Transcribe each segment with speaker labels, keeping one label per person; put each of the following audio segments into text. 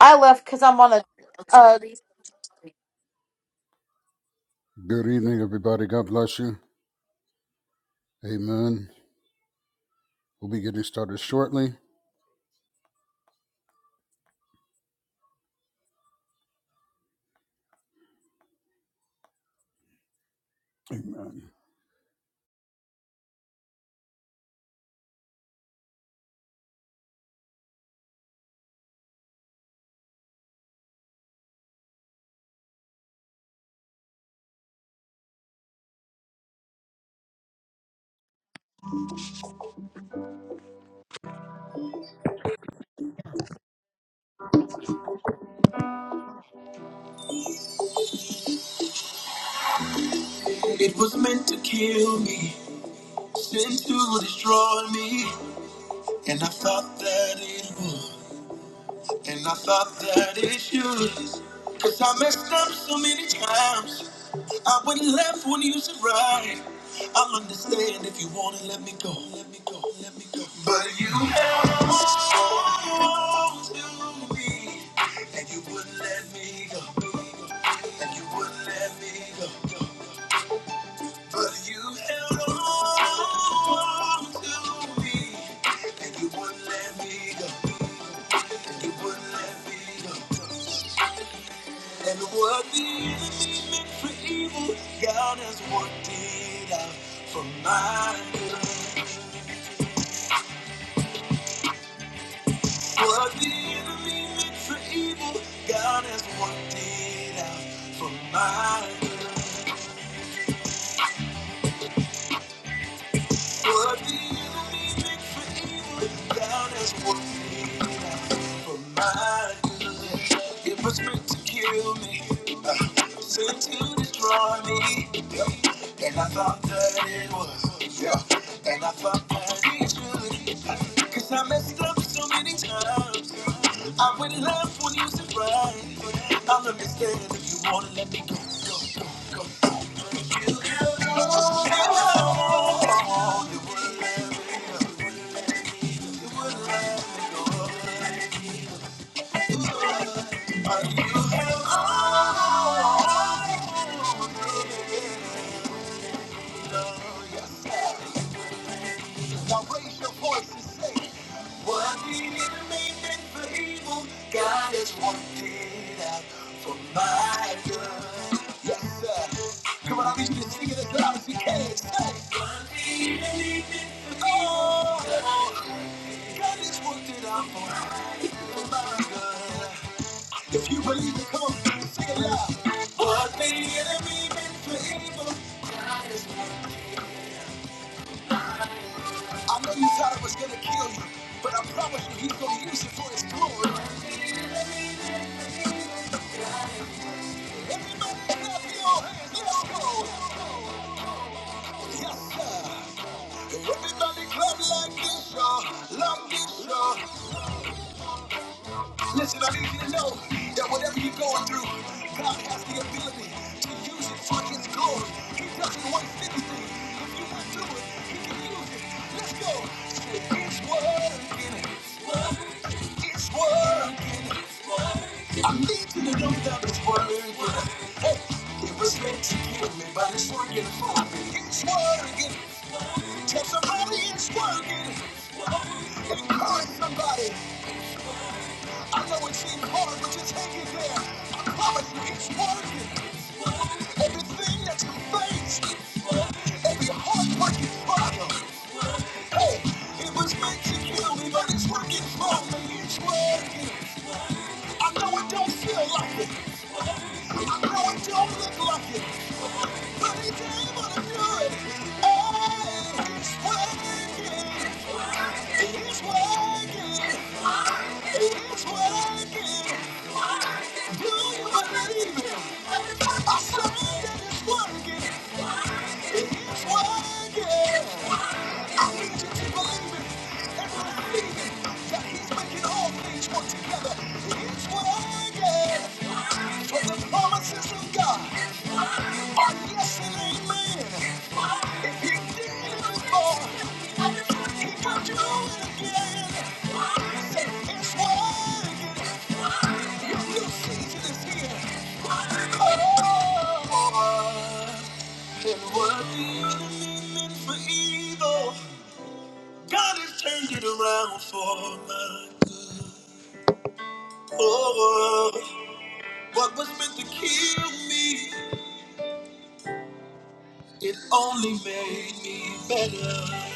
Speaker 1: I left because I'm on a uh,
Speaker 2: Good evening, everybody. God bless you. Amen. We'll be getting started shortly. Amen. It was meant to kill me, sent to destroy me, and I thought that it would. And I thought that it's useless. Cause I messed up so many times. I went left when you said right. I'll understand if you wanna let me go. Let me go, let me go. But you held on to me. And you wouldn't let me go. And you wouldn't let me go. But you held on to me. And you wouldn't let me go and it wouldn't have been. And what the enemy meant for evil, God has worked it out for my good. What the enemy meant for evil, God has worked it out for my good. What the enemy meant for evil, God has worked it out for my good. It was meant to kill me, uh, sent to destroy me. Yeah. And I thought that it was, yeah. And I thought that it should, 'cause I messed up so many times. I went left when you said right. I'm a mistake if you wanna let me Now raise your voice and say, What the enemy meant for evil, God has worked it out for my good. Yes, sir. Come on, I need you to sing it as loud as you can. Say, What the enemy meant for evil, God has worked it out for my for my good. If you believe it, come on, sing it loud. What the enemy meant for evil, I know you thought it was gonna kill you, but I promise you, he's gonna use it for his glory. Everybody clap like this, y'all. Like this, Listen, I need you to know that whatever you're going through, God has the ability to use it for His glory. He doesn't waste anything. If you went through it, He can use it. Let's go. Say, It's working. It's working. I need you to know that it's working. Hey, it was meant to kill me, but it's working for me. It's working. Testimony is working. It's calling somebody. I know it seems hard, but just hang in there. I promise you, it's working. Everything that you face, every heartbreaking trial, hey, it was meant to kill me, but it's working for me. It's working. I know it don't feel like it. I know it don't look like it, but it's able to do it. Oh, It's working. It's working. It's working. Do you believe it? I said it is working. It is working. I need you to believe it. Can all things work together? It's what I get the promises of God. yes amen. If He did it before, He could do it again. Say, what I get. Your new season is here. Oh, and what the enemy meant for evil, God has turned it around for us. Oh, what was meant to kill me, it only made me better.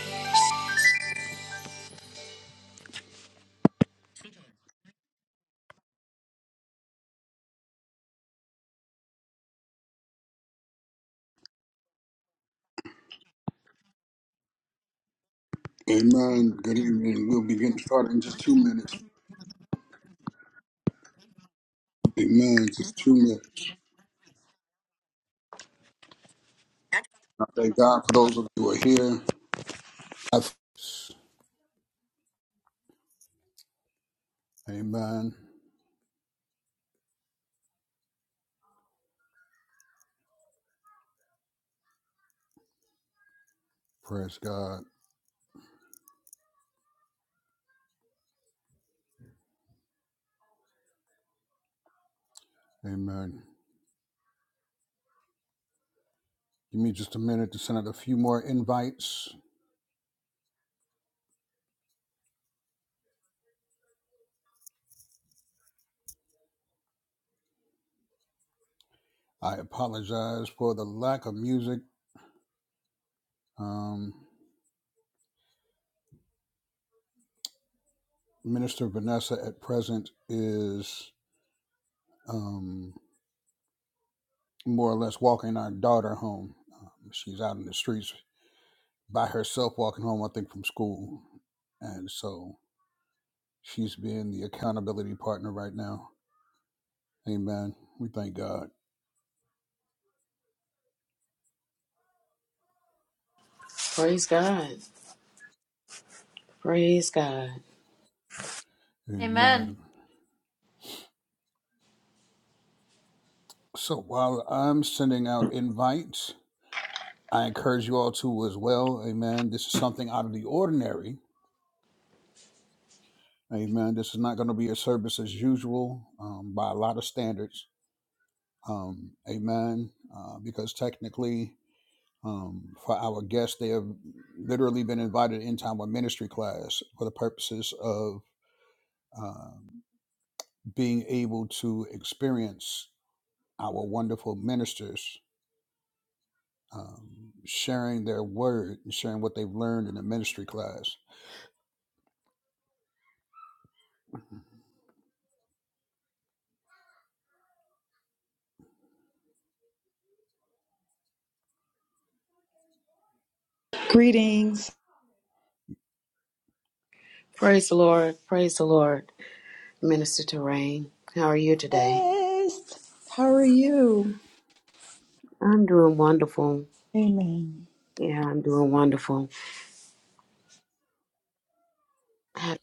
Speaker 2: Amen. Good evening. We'll begin to start in just two minutes. Amen. Just two minutes. I thank God for those of you who are here. I th- Amen. Praise God. Amen. Give me just a minute to send out a few more invites. I apologize for the lack of music. Um, Minister Vanessa at present is. um, more or less walking our daughter home. Um, she's out in the streets by herself walking home, I think, from school. And so she's being the accountability partner right now. Amen. We thank God.
Speaker 3: Praise God. Praise God.
Speaker 2: Amen. So while I'm sending out invites, I encourage you all to as well. Amen. This is something out of the ordinary. Amen. This is not going to be a service as usual um, by a lot of standards. Um, amen. Uh, because technically, um, for our guests. They have literally been invited into our ministry class for the purposes of uh, being able to experience our wonderful ministers um, sharing their word and sharing what they've learned in the ministry class.
Speaker 4: Greetings.
Speaker 3: Praise the Lord. Praise the Lord. Minister Terrain, how are you today?
Speaker 4: Yes. How are you?
Speaker 3: I'm doing wonderful.
Speaker 4: Amen.
Speaker 3: Yeah, I'm doing wonderful. Happy-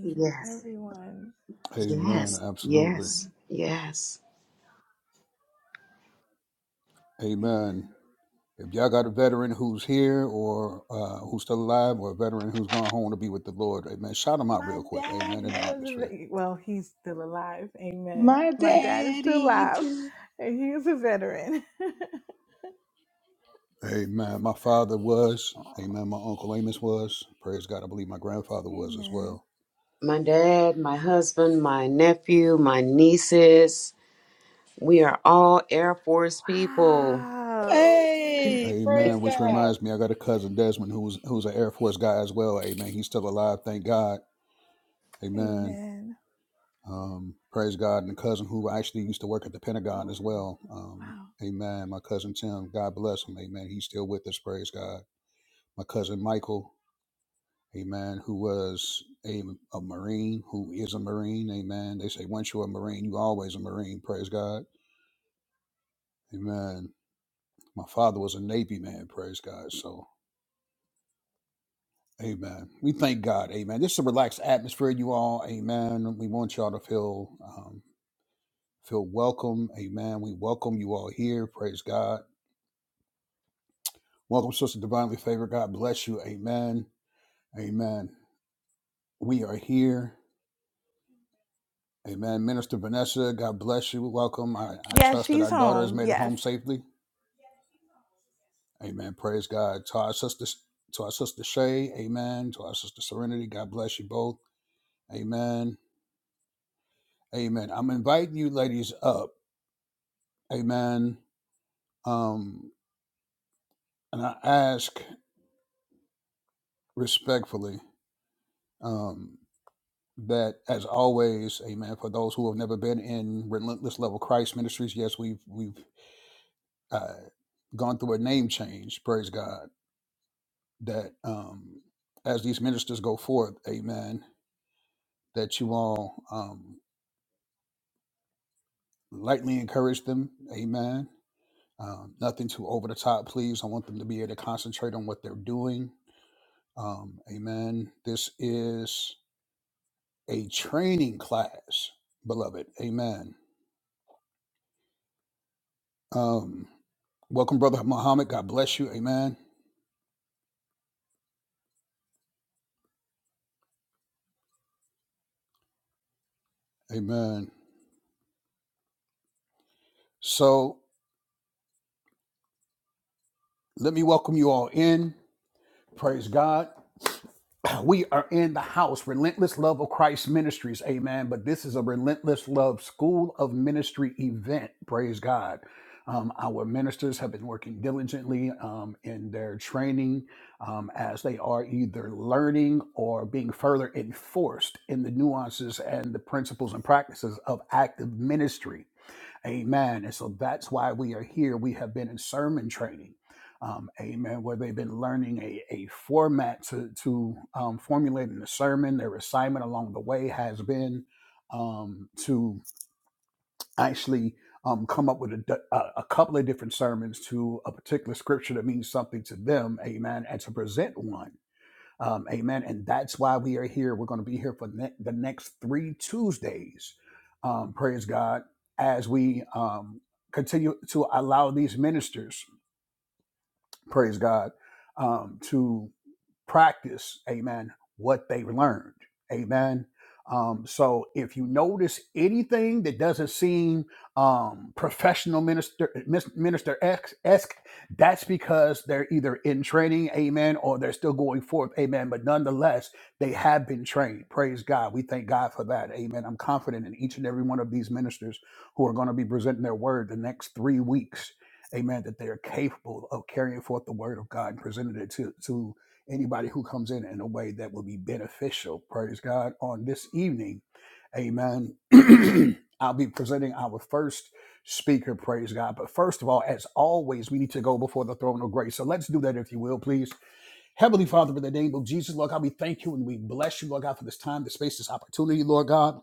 Speaker 3: Yes.
Speaker 2: Amen.
Speaker 3: Yes.
Speaker 2: Absolutely.
Speaker 3: Yes. Yes.
Speaker 2: Amen. If y'all got a veteran who's here or uh, who's still alive, or a veteran who's gone home to be with the Lord, amen, shout them out real quick, amen, in the atmosphere.
Speaker 4: My daddy. too.
Speaker 2: Amen. My father was. Amen. My uncle Amos was. Praise God. I believe my grandfather was as well.
Speaker 3: My dad, my husband, my nephew, my nieces, we are all Air Force people.
Speaker 4: Hey,
Speaker 2: Amen.
Speaker 4: praise
Speaker 2: Which
Speaker 4: God.
Speaker 2: reminds me, I got a cousin Desmond who's who's an Air Force guy as well. Amen. He's still alive. Thank God. Amen. Um, praise God. And a cousin who actually used to work at the Pentagon as well. Um, amen. My cousin Tim. God bless him. Amen. He's still with us. Praise God. My cousin Michael. Amen. Who was a, a Marine, who is a Marine. Amen. They say once you're a Marine, you always a Marine. Praise God. Amen. My father was a Navy man, praise God. So, amen. We thank God, amen. This is a relaxed atmosphere, you all, amen. We want y'all to feel um, feel welcome, amen. We welcome you all here, praise God. Welcome, Sister Divinely Favored. God bless you, amen. Amen. We are here, amen. Minister Vanessa, God bless you. Welcome. I, I trust that our daughter has made it home safely, amen. Praise God. To our sister, to our sister Shay, amen. To our sister Serenity, God bless you both. Amen. Amen. I'm inviting you ladies up. Amen. Um, and I ask respectfully um, that, as always, amen, for those who have never been in Relentless Level Christ Ministries, yes, we've, we've uh, gone through a name change, praise God, that um, as these ministers go forth, amen, that you all um, lightly encourage them, amen. Um, nothing too over the top, please. I want them to be able to concentrate on what they're doing Um, amen. This is a training class, beloved. Amen. Um, welcome, Brother Muhammad. God bless you. Amen. Amen. So let me welcome you all in. Praise God. we are in the house, Relentless Love of Christ Ministries, amen. But this is a Relentless Love School of Ministry event, praise God. Um, our ministers have been working diligently um, in their training um, as they are either learning or being further enforced in the nuances and the principles and practices of active ministry. Amen. And so that's why we are here. We have been in sermon training. Um, amen. Where they've been learning a, a format to, to um, formulating the sermon. Their assignment along the way has been um, to actually um, come up with a, d- a a couple of different sermons to a particular scripture that means something to them. Amen. And to present one. Um, amen. And that's why we are here. We're going to be here for ne- the next three Tuesdays. Um, praise God. As we um, continue to allow these ministers, praise God, um, to practice, amen, what they learned, amen. Um, so if you notice anything that doesn't seem um, professional minister mis- minister ex- esque, that's because they're either in training, amen, or they're still going forth, amen. But nonetheless, they have been trained. Praise God. We thank God for that, amen. I'm confident in each and every one of these ministers who are going to be presenting their word the next three weeks amen, that they are capable of carrying forth the word of God and presenting it to, to anybody who comes in in a way that will be beneficial. Praise God. On this evening, amen. I'll be presenting our first speaker, praise God. But first of all, as always, we need to go before the throne of grace. So let's do that if you will, please. Heavenly Father, in the name of Jesus, Lord God, we thank you and we bless you, Lord God, for this time, this space, this opportunity, Lord God.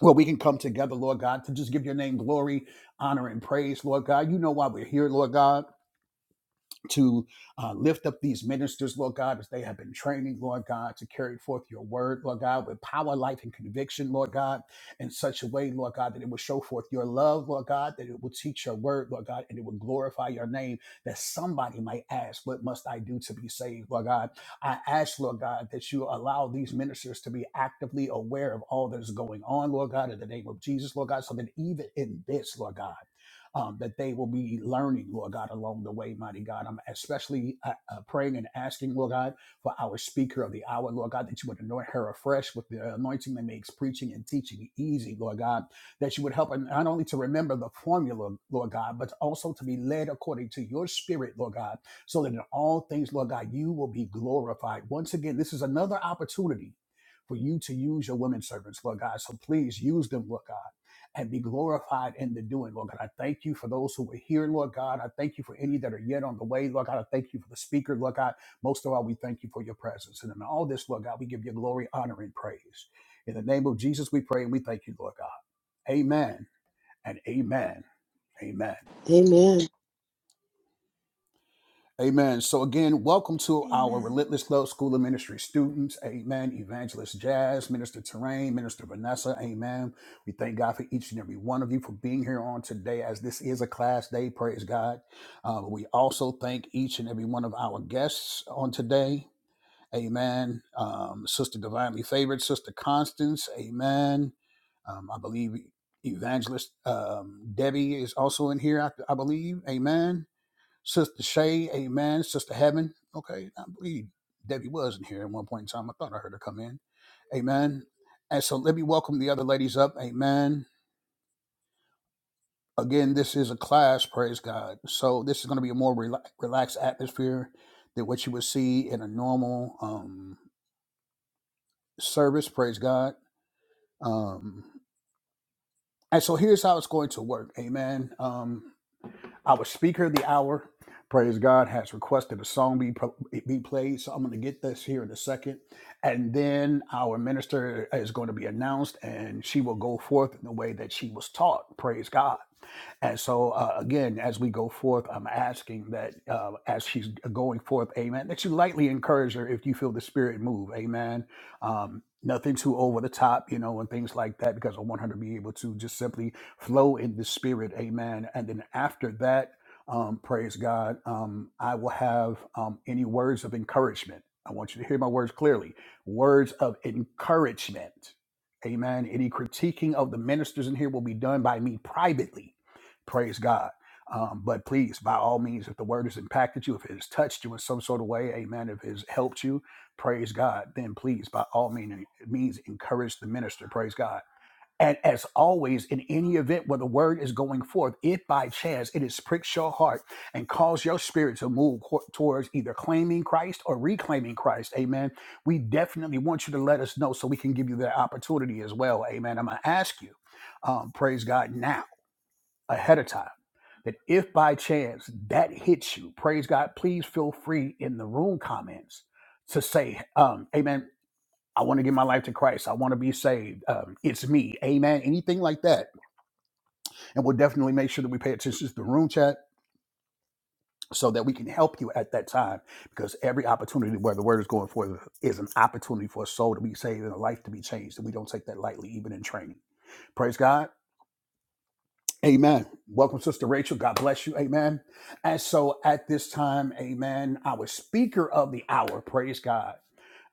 Speaker 2: Where we can come together, Lord God, to just give your name glory, honor, and praise, Lord God. You know why we're here, Lord God to uh, lift up these ministers, Lord God, as they have been training, Lord God, to carry forth your word, Lord God, with power, life, and conviction, Lord God, in such a way, Lord God, that it will show forth your love, Lord God, that it will teach your word, Lord God, and it will glorify your name, that somebody might ask, What must I do to be saved, Lord God? I ask, Lord God, that you allow these ministers to be actively aware of all that is going on, Lord God, in the name of Jesus, Lord God, so that even in this, Lord God, um, that they will be learning, Lord God, along the way, mighty God. I'm especially uh, uh, praying and asking, Lord God, for our speaker of the hour, Lord God, that you would anoint her afresh with the anointing that makes preaching and teaching easy, Lord God, that you would help her not only to remember the formula, Lord God, but also to be led according to your spirit, Lord God, so that in all things, Lord God, you will be glorified. Once again, this is another opportunity for you to use your women servants, Lord God. So please use them, Lord God and be glorified in the doing, Lord God. I thank you for those who are here, Lord God. I thank you for any that are yet on the way, Lord God. I thank you for the speaker, Lord God. Most of all, we thank you for your presence. And in all this, Lord God, we give you glory, honor, and praise. In the name of Jesus, we pray and we thank you, Lord God. Amen and amen. Amen.
Speaker 3: Amen.
Speaker 2: Amen. So again, welcome to our Relentless Love School of Ministry students. Amen. Evangelist Jazz, Minister Terrain, Minister Vanessa. Amen. We thank God for each and every one of you for being here on today, as this is a class day. Praise God. Uh, we also thank each and every one of our guests on today. Amen. Um, Sister Divinely Favored, Sister Constance. Amen. Um, I believe Evangelist um, Debbie is also in here. I, I believe. Amen. Sister Shay, amen. Sister Heaven, okay. I believe Debbie was in here at one point in time. I thought I heard her come in. Amen. And so let me welcome the other ladies up. Amen. Again, this is a class, praise God. So this is going to be a more rela- relaxed atmosphere than what you would see in a normal um, service, praise God. Um, and so here's how it's going to work. Amen. Um, Our speaker of the hour, praise God, has requested a song be, pro- be played. So I'm going to get this here in a second. And then our minister is going to be announced and she will go forth in the way that she was taught. Praise God. And so, uh, again, as we go forth, I'm asking that uh, as she's going forth, amen, that you lightly encourage her if you feel the spirit move, amen. Um, nothing too over the top, you know, and things like that, because I want her to be able to just simply flow in the spirit amen and then after that um, praise god um, i will have um, any words of encouragement i want you to hear my words clearly words of encouragement amen any critiquing of the ministers in here will be done by me privately praise god um, but please by all means if the word has impacted you if it has touched you in some sort of way amen if it has helped you praise god then please by all means means encourage the minister praise god and as always, in any event where the word is going forth, if by chance it is pricks your heart and cause your spirit to move co- towards either claiming Christ or reclaiming Christ, amen, we definitely want you to let us know so we can give you that opportunity as well, amen. I'm going to ask you, um, praise God, now, ahead of time, that if by chance that hits you, praise God, please feel free in the room comments to say, um, amen. I want to give my life to Christ. I want to be saved. Um, it's me. Amen. Anything like that. And we'll definitely make sure that we pay attention to the room chat so that we can help you at that time because every opportunity where the word is going forth is an opportunity for a soul to be saved and a life to be changed. And we don't take that lightly, even in training. Praise God. Amen. Welcome, Sister Rachel. God bless you. Amen. And so at this time, amen, our speaker of the hour, praise God.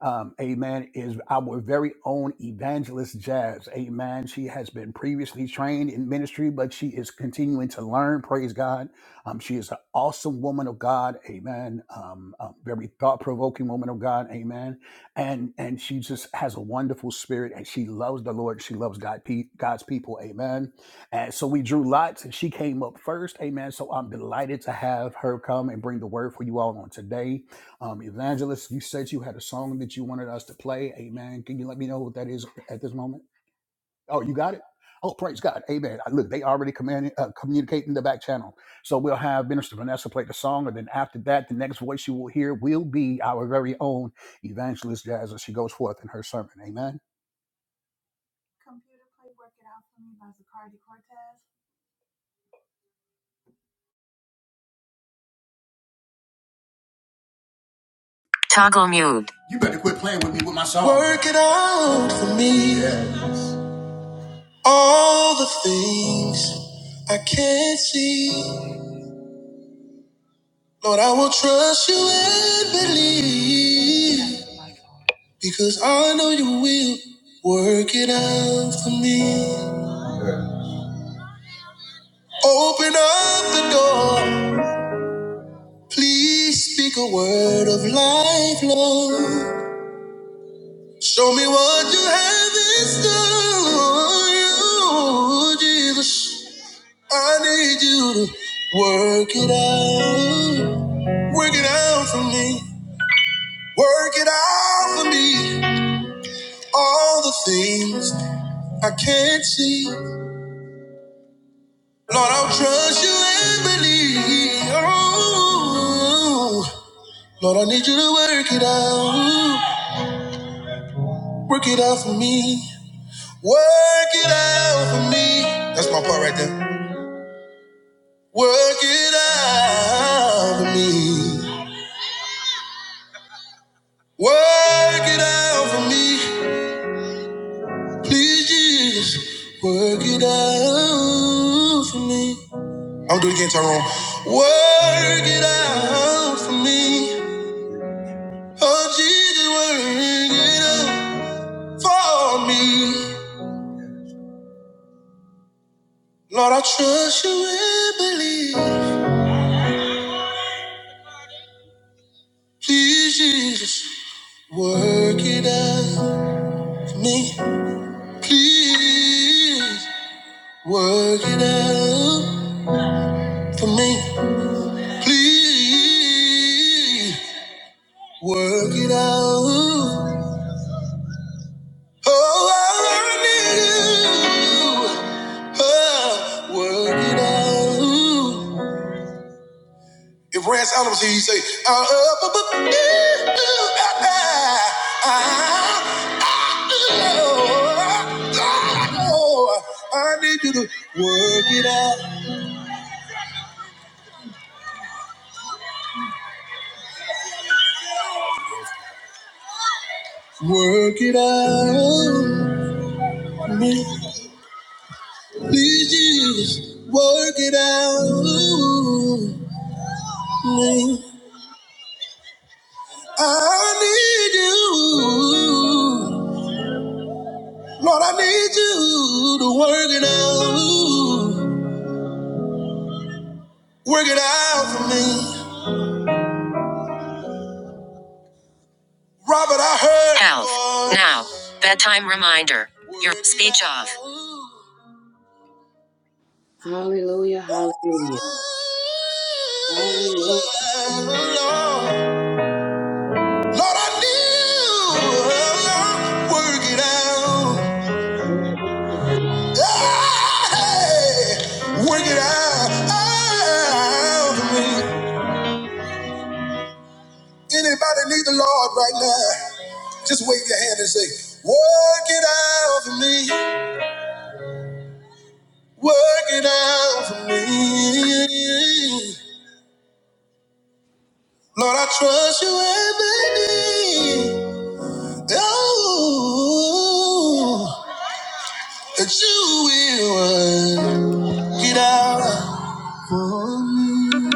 Speaker 2: um, amen, is our very own evangelist Jazz. Amen. She has been previously trained in ministry, but she is continuing to learn. Praise God. Um, she is an awesome woman of God. Amen. Um, a very thought provoking woman of God. Amen. And and she just has a wonderful spirit, and she loves the Lord. She loves God, pe- God's people. Amen. And so we drew lots and she came up first. Amen. So I'm delighted to have her come and bring the word for you all on today. Um, Evangelist, you said you had a song that you wanted us to play. Amen. Can you let me know what that is at this moment? Oh, you got it? Oh, praise God. Amen. Uh, Look, they already command, uh, communicate in the back channel. So we'll have Minister Vanessa play the song. And then after that, the next voice you will hear will be our very own Evangelist Jazz as she goes forth in her sermon. Amen.
Speaker 5: Toggle mute. You better quit playing with me with my song. Work it out for me. Yeah. All the things I can't see. Lord, I will trust you and believe. Because I know you will work it out for me. Open up the door. Please speak a word of life, Lord. Show me what you have in store, you, Jesus. I need you to work it out. Work it out for me. Work it out for me. All the things I can't see. Lord, I'll trust you and believe. Oh, Lord, I need you to work it out. Work it out for me. Work it out for me. That's my part right there. Work it out for me. Work it out for me. Please, Jesus, work it out for me. I'll do it again, Tyrone. Work it out for me. Oh, Jesus, work it out for me. Lord, I trust you and believe. Please, Jesus, work it out for me. Please, work it out for me. Please, work it out. Oh, I need you. Oh, work it out. If Rance Allen was here, you say, uh, uh, bu- bu- ooh, ooh, ah, ah, ah, oh, oh, I need you to work it out, work it out. Me. Please, Jesus, work it out. Me. I need you. Lord, I need you to work it out. Work it out for me. Robert, I heard. Health. Now, bedtime reminder. Your speech off.
Speaker 3: Hallelujah. Hallelujah. Hallelujah.
Speaker 5: Lord, I need you. Work it out. Hey, Work it out. out for me. Anybody need the Lord right now? Just wave your hand and say, Work it out for me. Work it out for me. Lord, I trust you every day. Oh, that you will work it out for me.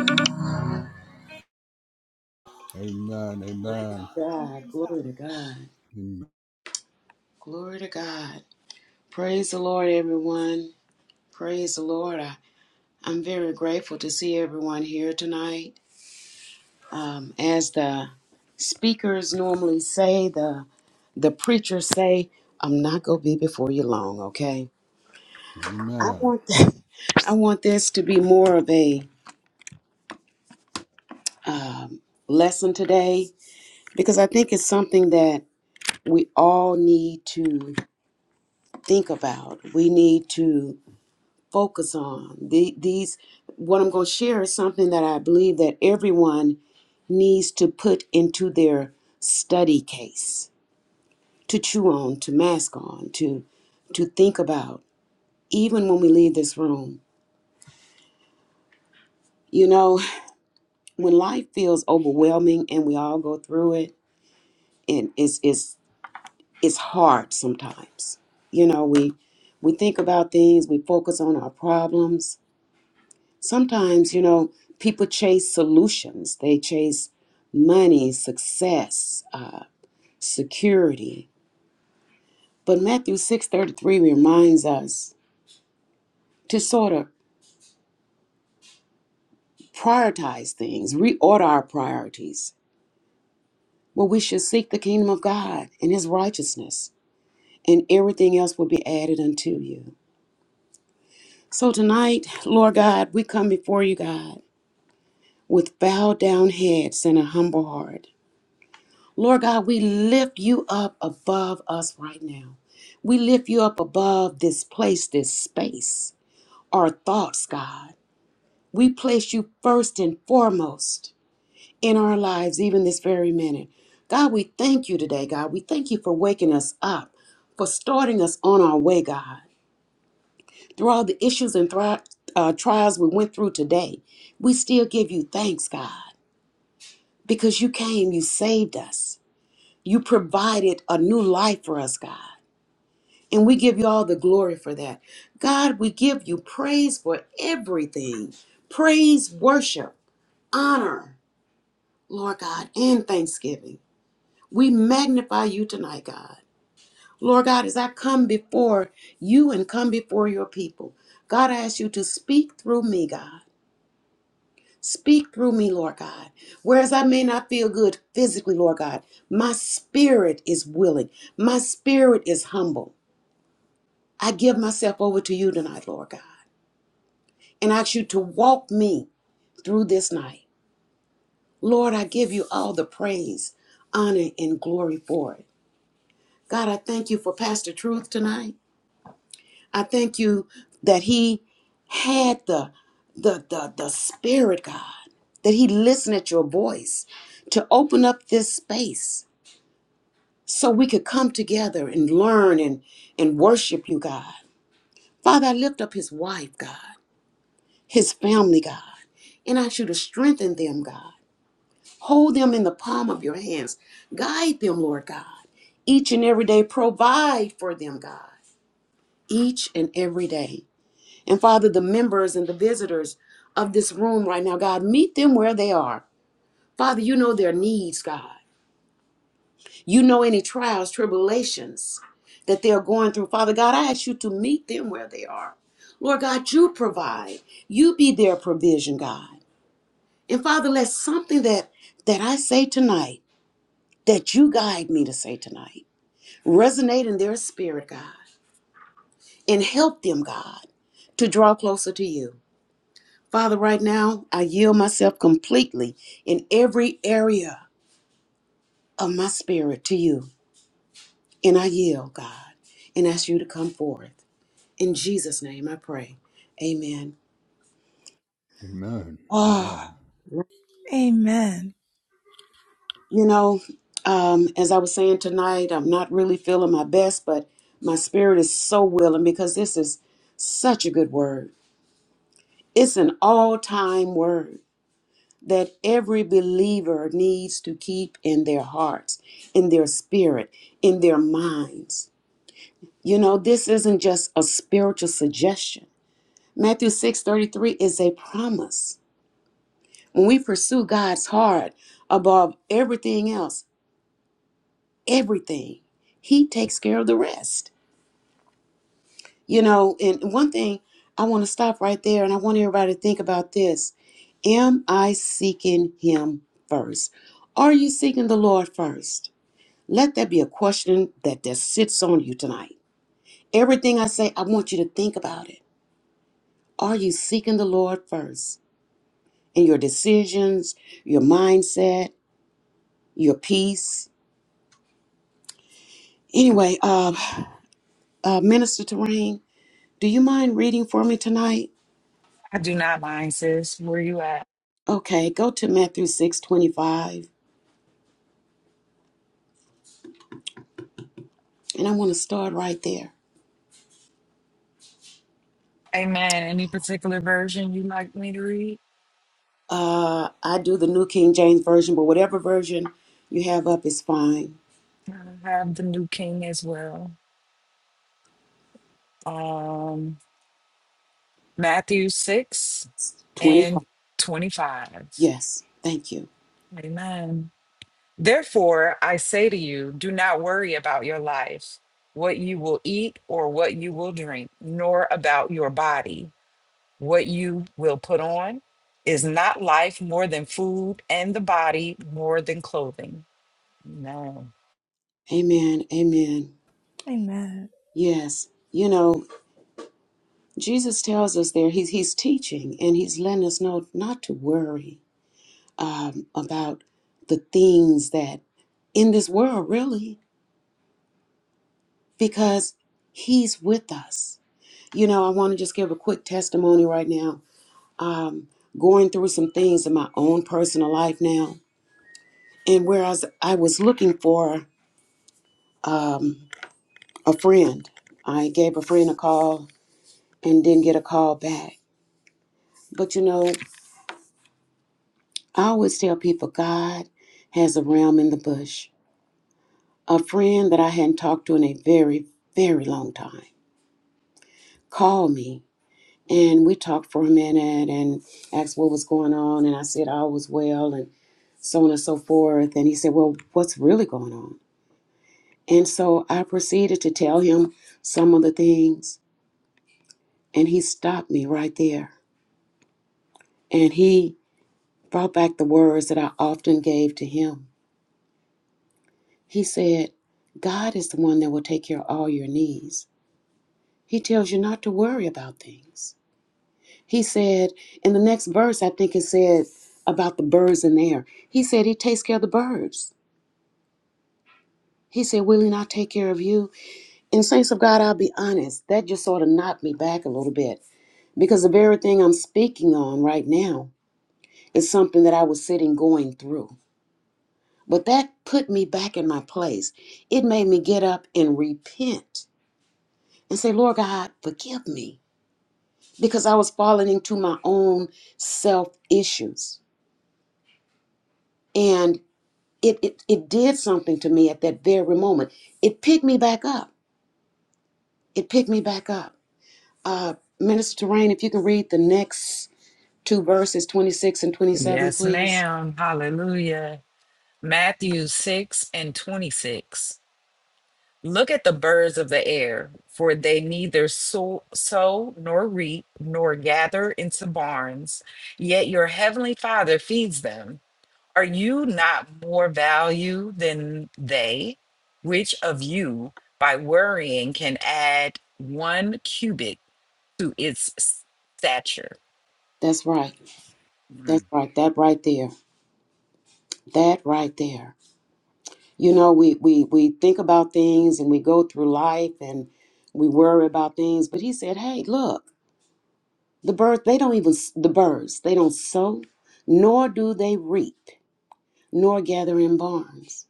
Speaker 2: Amen. Amen.
Speaker 3: God. Glory to God.
Speaker 2: Amen.
Speaker 3: Glory to God. Praise the Lord, everyone. Praise the Lord. I, I'm very grateful to see everyone here tonight. Um, as the speakers normally say, the the preachers say, "I'm not gonna be before you long." Okay. I
Speaker 2: Amen.
Speaker 3: want that. I want this to be more of a um, lesson today because I think it's something that we all need to think about. We need to focus on. The, these, what I'm going to share is something that I believe that everyone needs to put into their study case, to chew on, to mask on, to to think about, even when we leave this room. You know, when life feels overwhelming and we all go through it, and it's it's it's hard sometimes. You know, we we think about things, we focus on our problems, Sometimes, you know, people chase solutions, they chase money, success, uh, security. But Matthew 6:33 reminds us to sort of prioritize things, reorder our priorities. Well, we should seek the kingdom of God and his righteousness, and everything else will be added unto you. So tonight, Lord God, we come before you, God, with bowed down heads and a humble heart. Lord God, we lift you up above us right now. We lift you up above this place, this space, our thoughts, God. We place you first and foremost in our lives, even this very minute. God, we thank you today, God. We thank you for waking us up, for starting us on our way, God. Through all the issues and thri- uh, trials we went through today, we still give you thanks, God, because you came, you saved us, you provided a new life for us, God. And we give you all the glory for that. God, we give you praise for everything praise, worship, honor, Lord God, and thanksgiving. We magnify you tonight, God. Lord God, as I come before you and come before your people, God, I ask you to speak through me, God. Speak through me, Lord God. Whereas I may not feel good physically, Lord God, my spirit is willing, my spirit is humble. I give myself over to you tonight, Lord God. and ask you to walk me through this night. Lord, I give you all the praise, honor, and glory for it. God, I thank you for Pastor Truth tonight. I thank you that he had the the the, the spirit, God, that he listened at your voice to open up this space so we could come together and learn and, and worship you, God. Father, I lift up his wife, God, his family, God, and I ask you to strengthen them, God. Hold them in the palm of your hands. Guide them, Lord God. Each and every day, provide for them, God. Each and every day. And Father, the members and the visitors of this room right now, God, meet them where they are. Father, you know their needs, God. You know any trials, tribulations that they are going through. Father God, I ask you to meet them where they are. Lord God, you provide. You be their provision, God. And Father, let something that that I say tonight that you guide me to say tonight. Resonate in their spirit, God, and help them, God, to draw closer to you. Father, right now, I yield myself completely in every area of my spirit to you. And I yield, God, and ask you to come forth. In Jesus' name I pray. Amen.
Speaker 2: Amen. Amen.
Speaker 3: Ah, you know, um, as I was saying tonight, I'm not really feeling my best, but my spirit is so willing because this is such a good word. It's an all time word that every believer needs to keep in their hearts, in their spirit, in their minds. You know, this isn't just a spiritual suggestion. Matthew 6:33 is a promise. When we pursue God's heart above everything else, everything, he takes care of the rest. You know, and one thing I want to stop right there and I want everybody to think about this. Am I seeking him first? Are you seeking the Lord first? Let that be a question that that sits on you tonight. Everything I say, I want you to think about it. Are you seeking the Lord first in your decisions, your mindset, your peace? Anyway, uh, uh, Minister Terrain, do you mind reading for me tonight?
Speaker 4: I do not mind, sis. Where you at?
Speaker 3: Okay, go to Matthew six twenty-five. And I want to start right there.
Speaker 4: Amen. Any particular version you like me to read?
Speaker 3: Uh, I do the New King James Version, but whatever version you have up is fine.
Speaker 4: I have the New King as well. Um, Matthew 6
Speaker 3: 25.
Speaker 4: and 25.
Speaker 3: Yes. Thank you.
Speaker 4: Amen. Therefore, I say to you, do not worry about your life, what you will eat or what you will drink, nor about your body, what you will put on. Is not life more than food and the body more than clothing? No.
Speaker 3: Amen. Amen. Yes. You know, Jesus tells us there, he's, he's teaching and he's letting us know not to worry um, about the things that in this world, really, because he's with us. You know, I want to just give a quick testimony right now um, going through some things in my own personal life now. And whereas I was looking for um, a friend, I gave a friend a call and didn't get a call back. But you know, I always tell people God has a realm in the bush. A friend that I hadn't talked to in a very, very long time called me and we talked for a minute and asked what was going on. And I said, all was well and so on and so forth. And he said, well, what's really going on? And so I proceeded to tell him some of the things, and he stopped me right there. And he brought back the words that I often gave to him. He said, God is the one that will take care of all your needs. He tells you not to worry about things. He said, in the next verse, I think it said about the birds in the air. He said, He takes care of the birds. He said, Will He not take care of you? And, saints of God, I'll be honest, that just sort of knocked me back a little bit Because the very thing I'm speaking on right now is something that I was sitting going through. But that put me back in my place. It made me get up and repent and say, Lord God, forgive me. Because I was falling into my own self issues. And it, it, it did something to me at that very moment. It picked me back up. It picked me back up. Uh, Minister Terrain, if you can read the next two verses, 26 and 27,
Speaker 4: Yes,
Speaker 3: please.
Speaker 4: ma'am. Hallelujah. Matthew 6 and 26. Look at the birds of the air, for they neither sow, sow nor reap nor gather into barns, yet your heavenly Father feeds them. Are you not more value than they? Which of you, by worrying, can add one cubit to its s- stature?
Speaker 3: That's right.
Speaker 4: Mm.
Speaker 3: That's right. That right there. That right there. You know, we we we think about things and we go through life and we worry about things, but he said, "Hey, look, the birds, they don't even s- the birds, they don't sow, nor do they reap, nor gather in barns,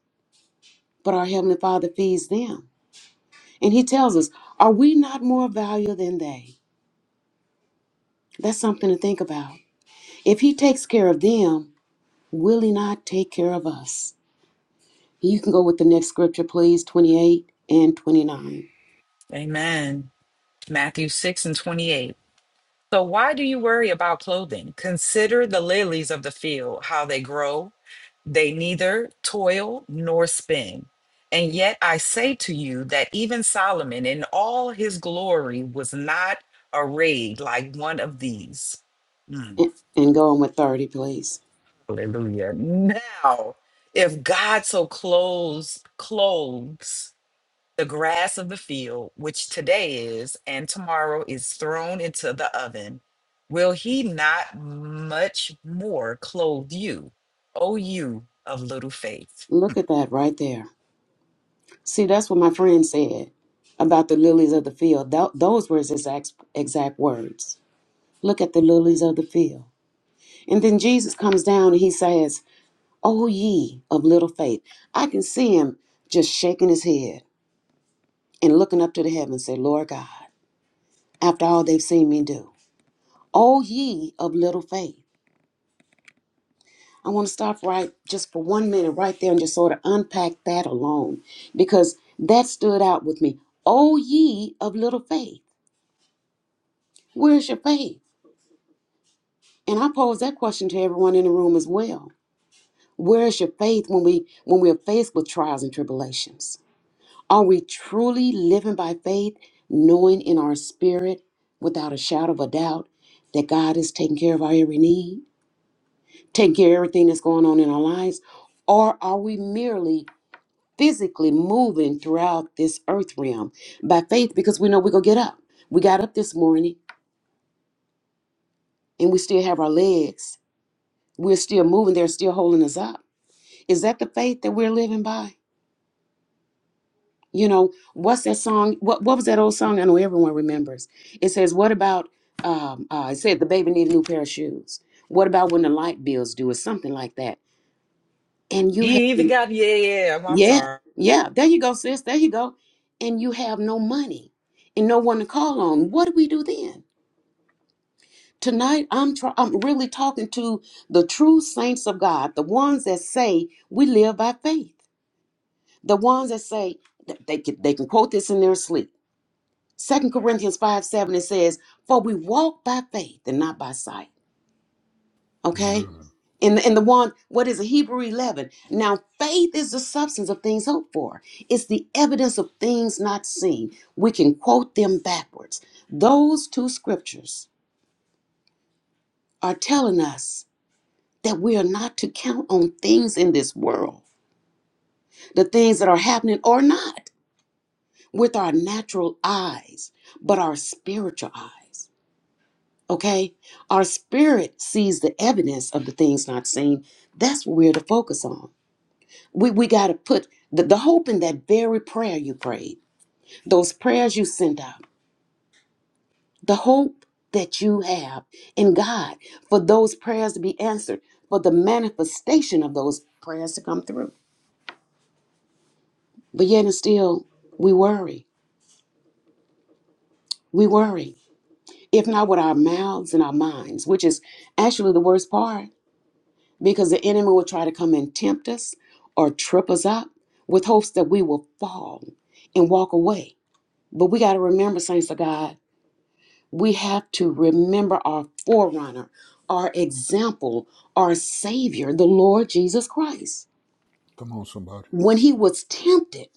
Speaker 3: but our heavenly Father feeds them." And he tells us, "Are we not more valuable than they?" That's something to think about. If he takes care of them, will he not take care of us? You can go with the next scripture, please, 28 and 29.
Speaker 4: Amen. Matthew 6 and 28. So, why do you worry about clothing? Consider the lilies of the field, how they grow. They neither toil nor spin. And yet I say to you that even Solomon in all his glory was not arrayed like one of these. Mm,
Speaker 3: And and go on with 30, please.
Speaker 4: Hallelujah. Now, if God so clothes clothes the grass of the field, which today is and tomorrow is thrown into the oven, will he not much more clothe you, O you of little faith?
Speaker 3: Look at that right there. See, that's what my friend said about the lilies of the field. Tho- those were his exact, exact words. Look at the lilies of the field. And then Jesus comes down and he says, O ye of little faith. I can see him just shaking his head and looking up to the heavens and say, Lord God, after all they've seen me do. O ye of little faith. I want to stop right just for one minute right there and just sort of unpack that alone because that stood out with me. O ye of little faith, where's your faith? And I pose that question to everyone in the room as well. Where is your faith when we when we are faced with trials and tribulations? Are we truly living by faith, knowing in our spirit without a shadow of a doubt that God is taking care of our every need? taking care of everything that's going on in our lives? Or are we merely physically moving throughout this earth realm by faith because we know we're going to get up? We got up this morning and we still have our legs. We're still moving. They're still holding us up. Is that the faith that we're living by? You know, what's that song? What, what was that old song? I know everyone remembers. It says, What about, um, uh, it said the baby need a new pair of shoes. What about when the light bills due or something like that? And you have
Speaker 4: You even got, yeah, yeah, I'm I'm
Speaker 3: Yeah,
Speaker 4: sorry.
Speaker 3: yeah. There you go, sis. There you go. And you have no money and no one to call on. What do we do then? Tonight, I'm try- I'm really talking to the true saints of God, the ones that say we live by faith, the ones that say they can, they can quote this in their sleep. Second Corinthians five seven it says, "For we walk by faith and not by sight." Okay.
Speaker 2: Amen.
Speaker 3: In the, in the one, what is it? Hebrew 11. Now, faith is the substance of things hoped for. It's the evidence of things not seen. We can quote them backwards. Those two scriptures are telling us that we are not to count on things in this world, the things that are happening or not, with our natural eyes, but our spiritual eyes. Okay? Our spirit sees the evidence of the things not seen. That's what we're to focus on. We we got to put the, the hope in that very prayer you prayed, those prayers you sent out, the hope that you have in God for those prayers to be answered, for the manifestation of those prayers to come through. But yet and still, we worry. We worry, if not with our mouths and our minds, which is actually the worst part, because the enemy will try to come and tempt us or trip us up with hopes that we will fall and walk away. But we got to remember, saints of God we have to remember our forerunner, our example, our Savior, the Lord Jesus Christ.
Speaker 2: Come on, somebody.
Speaker 3: When he was tempted,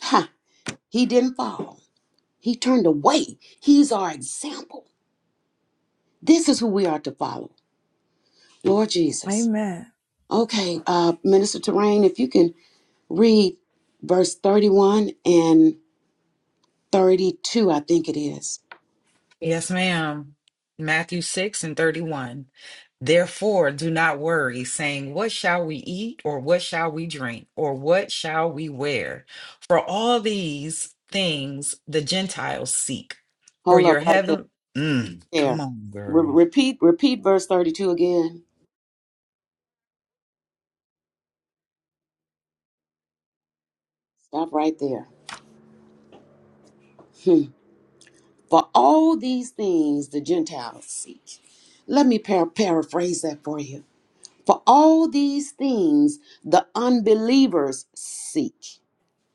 Speaker 3: ha, he didn't fall, he turned away. He's our example. This is who we are to follow, Lord Jesus. Okay, uh, Minister Terrain, if you can read verse 31 and 32, I think it is.
Speaker 4: Yes, ma'am. Matthew 6 and 31. Therefore, do not worry, saying, What shall we eat, or what shall we drink, or what shall we wear? For all these things the Gentiles seek. For
Speaker 3: Hold up
Speaker 4: your
Speaker 3: right there.
Speaker 4: heaven. Mm, come
Speaker 3: there.
Speaker 4: on, girl.
Speaker 3: Re- repeat, repeat verse 32 again. Stop right there. For all these things the Gentiles seek. Let me par- paraphrase that for you. For all these things the unbelievers seek.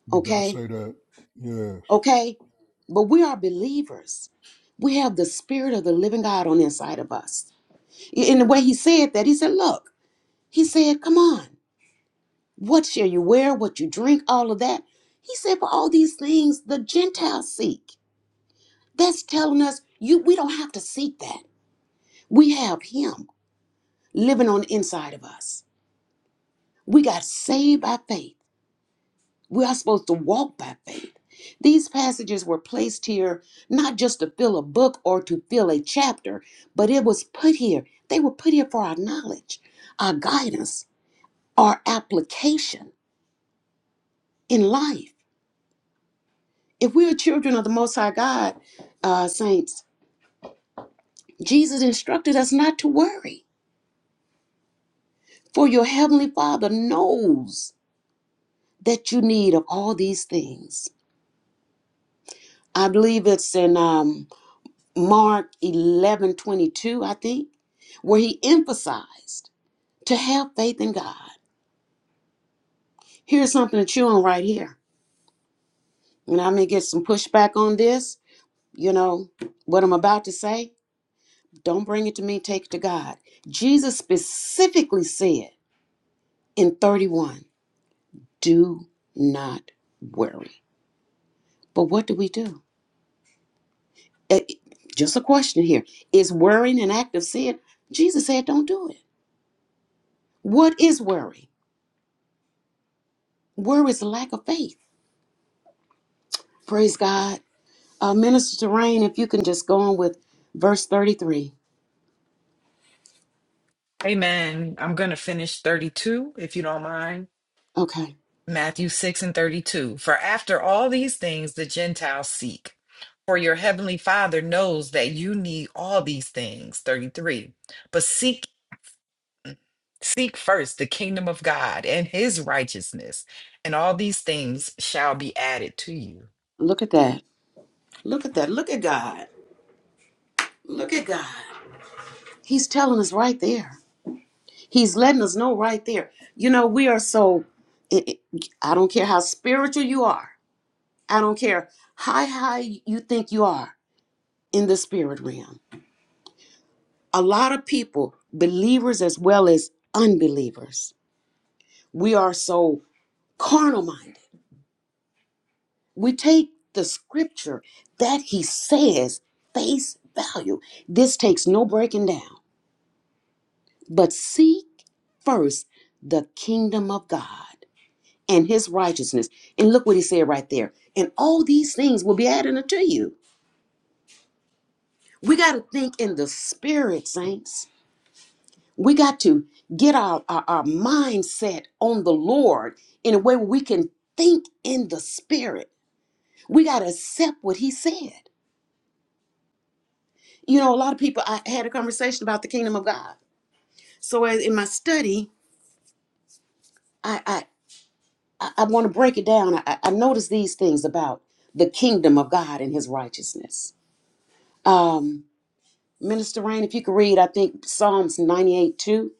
Speaker 2: You better
Speaker 3: Okay?
Speaker 2: say that. Yes.
Speaker 3: Okay? But we are believers. We have the Spirit of the living God on the inside of us. In the way he said that, he said, Look, he said, Come on. What shall you wear? What you drink? All of that. He said, For all these things the Gentiles seek. That's telling us you we don't have to seek that. We have him. living on the inside of us. We got saved by faith. We are supposed to walk by faith. These passages were placed here not just to fill a book or to fill a chapter, but it was put here. They were put here for our knowledge, our guidance, our application in life. If we are children of the Most High God, uh, saints, Jesus instructed us not to worry, for your Heavenly Father knows that you need of all these things. I believe it's in. Um, Mark 11 22, I think, where he emphasized to have faith in God. Here's something to chew on right here. And I may get some pushback on this. You know, what I'm about to say, don't bring it to me, take it to God. Jesus specifically said in 31, do not worry. But what do we do? Eh, eh, Just a question here. Is worrying an act of sin? Jesus said, don't do it. What is worry? Worry is a lack of faith. Praise God. Uh, Minister Terrain, if you can just go on with verse 33.
Speaker 4: Amen. I'm going to finish 32, if you don't mind.
Speaker 3: Okay.
Speaker 4: Matthew 6 and 32. For after all these things the Gentiles seek. For your heavenly Father knows that you need all these things. 33. But seek seek first the kingdom of God and his righteousness, and all these things shall be added to you.
Speaker 3: Look at that. Look at that. Look at God. Look at God. He's telling us right there. He's letting us know right there. You know, we are so, it, it- I don't care how spiritual you are, I don't care how high you think you are in the spirit realm. A lot of people, believers as well as unbelievers, we are so carnal minded we take the scripture that he says face value. This takes no breaking down. But seek first the kingdom of God and his righteousness. And look what he said right there. And all these things will be added unto you. We got to think in the spirit, saints. We got to get our, our, our mindset on the Lord in a way where we can think in the spirit. We got to accept what he said. you know, a lot of people, I had a conversation about the kingdom of God. So as, in my study, I, I, I I want to break it down. I, I noticed these things about the kingdom of God and his righteousness. Um, Minister Rain, if you could read, I think Psalms 98 2.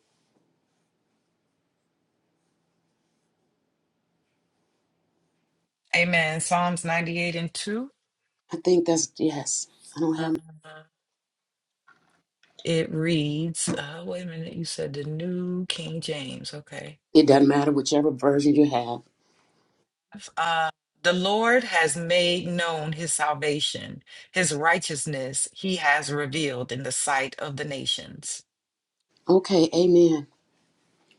Speaker 4: Amen. Psalms 98 and 2.
Speaker 3: I think that's, yes. I don't have,
Speaker 4: It reads, uh, wait a minute, you said the New King James. Okay.
Speaker 3: it doesn't matter whichever version you have.
Speaker 4: Uh, the Lord has made known his salvation, his righteousness he has revealed in the sight of the nations.
Speaker 3: Okay, amen.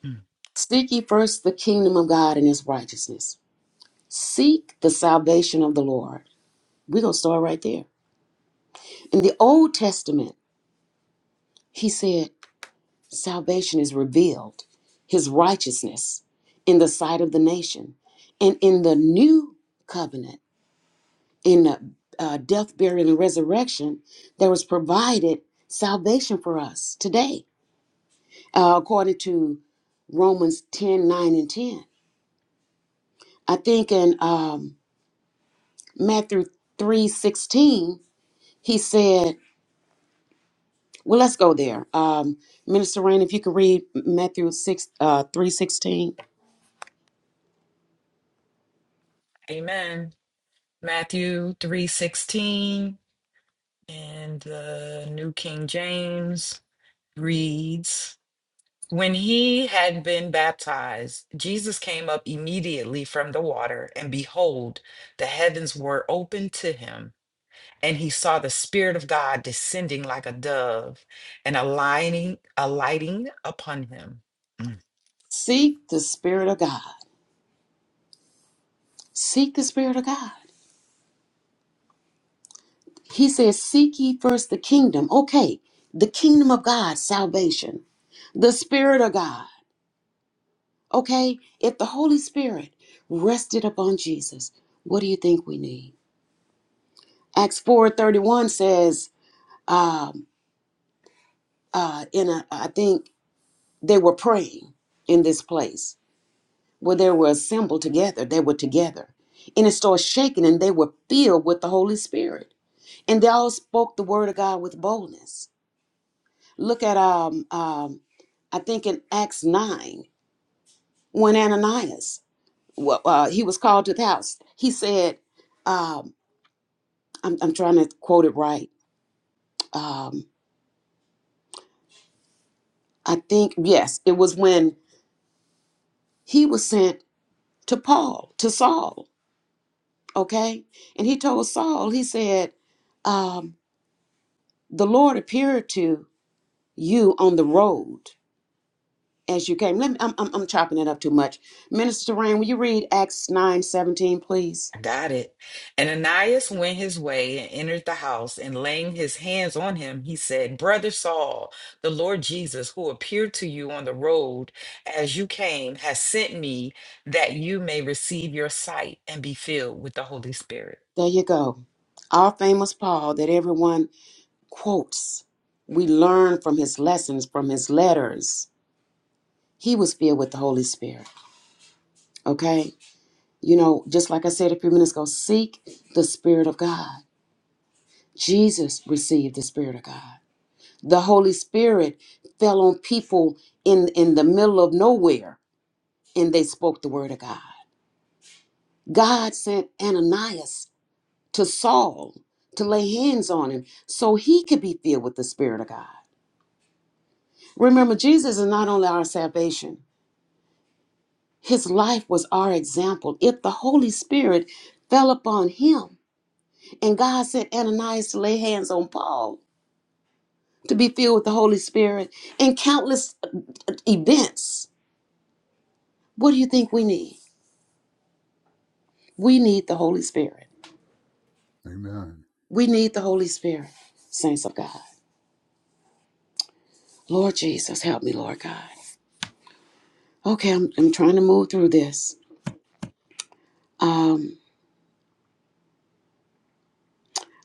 Speaker 4: Mm.
Speaker 3: Seek ye first the kingdom of God and his righteousness. Seek the salvation of the Lord. We're going to start right there. In the Old Testament, he said, Salvation is revealed, his righteousness in the sight of the nation. And in the new covenant, in the uh, death, burial, and resurrection, there was provided salvation for us today, uh, according to Romans 10 9 and 10. I think in um, Matthew three sixteen, he said, Well, let's go there. Um, Minister Rain, if you can read Matthew 6 uh, three sixteen.
Speaker 4: Amen. Matthew 3:16 and the New King James reads, When he had been baptized, Jesus came up immediately from the water, and behold, the heavens were opened to him and he saw the Spirit of God descending like a dove and aligning, alighting upon him. Mm,
Speaker 3: Seek the Spirit of God. Seek the Spirit of God. He says, Seek ye first the kingdom. Okay, the kingdom of God, salvation, the Spirit of God. Okay, if the Holy Spirit rested upon Jesus, what do you think we need? Acts 4:31 says, um, uh, in a, I think they were praying in this place where they were assembled together. They were together. And it started shaking, and they were filled with the Holy Spirit. And they all spoke the word of God with boldness Look at um, um, I think in Acts nine when Ananias well, uh, he was called to the house. He said, um, I'm, I'm trying to quote it right. Um, I think yes, it was when he was sent to Paul to Saul. Okay, and he told Saul he said, um, the Lord appeared to you on the road as you came. Let me, I'm, I'm, I'm chopping it up too much. Minister Rain, will you read Acts nine seventeen, please?
Speaker 4: I got it. And Ananias went his way and entered the house, and laying his hands on him, he said, Brother Saul, the Lord Jesus, who appeared to you on the road as you came, has sent me that you may receive your sight and be filled with the Holy Spirit.
Speaker 3: There you go. Our famous Paul that everyone quotes. We learn from his lessons, from his letters. He was filled with the Holy Spirit. Okay? You know, just like I said a few minutes ago, seek the Spirit of God. Jesus received the Spirit of God. The Holy Spirit fell on people in, in the middle of nowhere and they spoke the word of God. God sent Ananias to Saul to lay hands on him so he could be filled with the Spirit of God. Remember, Jesus is not only our salvation, his life was our example. If the Holy Spirit fell upon him, and God sent Ananias to lay hands on Paul to be filled with the Holy Spirit and countless events, what do you think we need? We need the Holy Spirit.
Speaker 2: Amen.
Speaker 3: We need the Holy Spirit, saints of God. Lord Jesus, help me, Lord God. Okay, I'm, I'm trying to move through this. Um,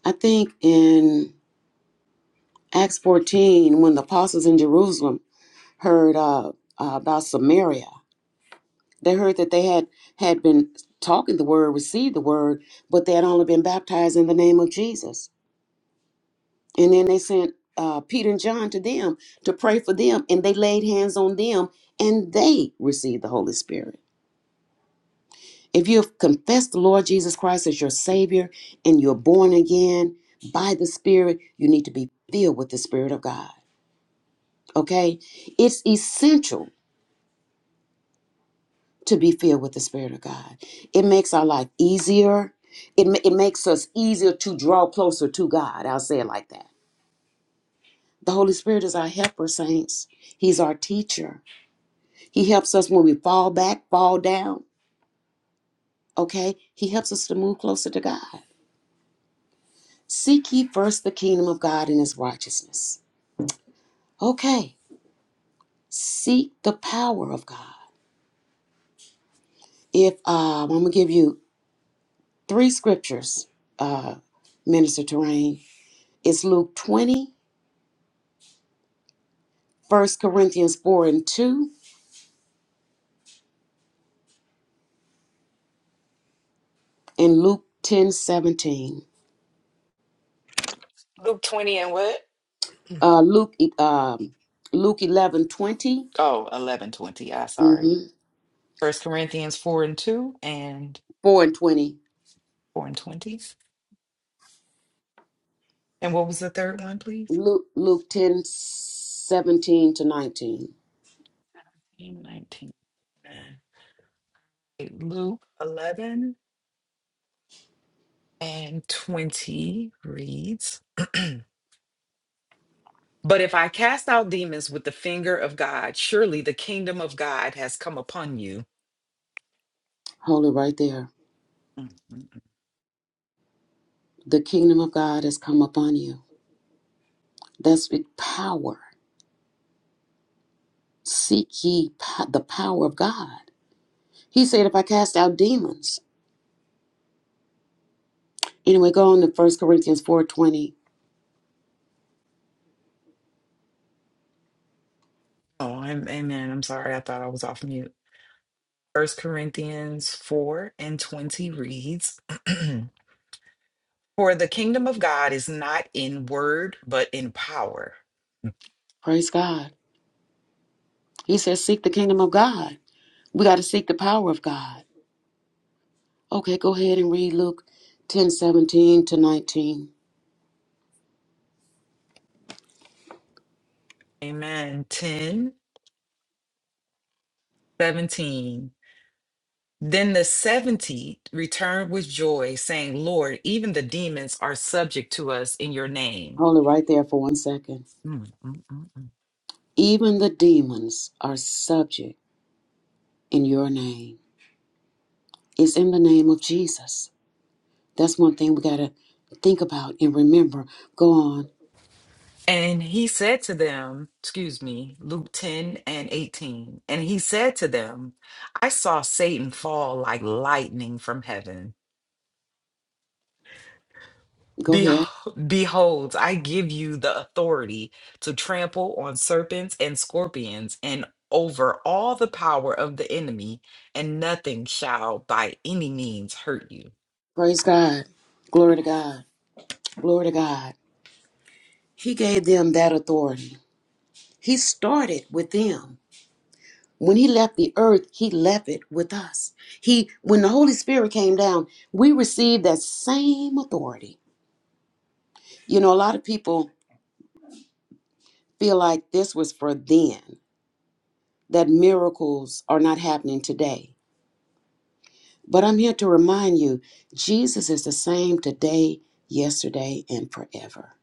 Speaker 3: I think in Acts 14, when the apostles in Jerusalem, heard uh, uh, about Samaria. They heard that they had had been talking the word, received the word, but they had only been baptized in the name of Jesus. And then they sent uh, Peter and John to them to pray for them, and they laid hands on them, and they received the Holy Spirit. If you have confessed the Lord Jesus Christ as your Savior and you're born again by the Spirit, you need to be filled with the Spirit of God. Okay? It's essential to be filled with the Spirit of God. It makes our life easier. It, ma- it makes us easier to draw closer to God. I'll say it like that. The Holy Spirit is our helper, saints. He's our teacher. He helps us when we fall back, fall down. Okay? He helps us to move closer to God. Seek ye first the kingdom of God and his righteousness. Okay. Seek the power of God. If um, I'm gonna give you three scriptures, uh, Minister Terrain. It's Luke 20, First Corinthians 4 and 2, and Luke 10 17,
Speaker 4: Luke 20 and what?
Speaker 3: Uh, Luke, e, um, Luke 11 20,
Speaker 4: Oh, 11 20. I sorry.
Speaker 3: hmm
Speaker 4: First Corinthians 4 and 2 and
Speaker 3: 4 and 20.
Speaker 4: four and twenty. And what was the third one, please?
Speaker 3: Luke, Luke ten seventeen to 19.
Speaker 4: 18, 19. Okay, Luke eleven and twenty reads. But if I cast out demons with the finger of God, surely the kingdom of God has come upon you.
Speaker 3: Hold it right there.
Speaker 4: Mm, mm.
Speaker 3: The kingdom of God has come upon you. That's with power. Seek ye po- the power of God. He said, if I cast out demons. Anyway, go on to First Corinthians 4 20.
Speaker 4: Oh, I'm amen. I'm sorry. I thought I was off mute. First Corinthians four and twenty reads. For the kingdom of God is not in word, but in power.
Speaker 3: Praise God. He says, seek the kingdom of God. We got to seek the power of God. Okay, go ahead and read Luke 10 17 to 19.
Speaker 4: Amen. 10 17. Then the 70 returned with joy, saying, Lord, even the demons are subject to us in your name.
Speaker 3: Hold it right there for one second.
Speaker 4: Mm, mm, mm.
Speaker 3: Even the demons are subject in your name. It's in the name of Jesus. That's one thing we got to think about and remember. Go on.
Speaker 4: And he said to them, excuse me, Luke 10 and 18. And he said to them, I saw Satan fall like lightning from heaven.
Speaker 3: Go ahead.
Speaker 4: Behold, behold, I give you the authority to trample on serpents and scorpions and over all the power of the enemy, and nothing shall by any means hurt you.
Speaker 3: Praise God. Glory to God. Glory to God. He gave them that authority. He started with them. when he left the earth he left it with us he when the holy spirit came down we received that same authority you know a lot of people feel like this was for then that miracles are not happening today but i'm here to remind you jesus is the same today yesterday and forever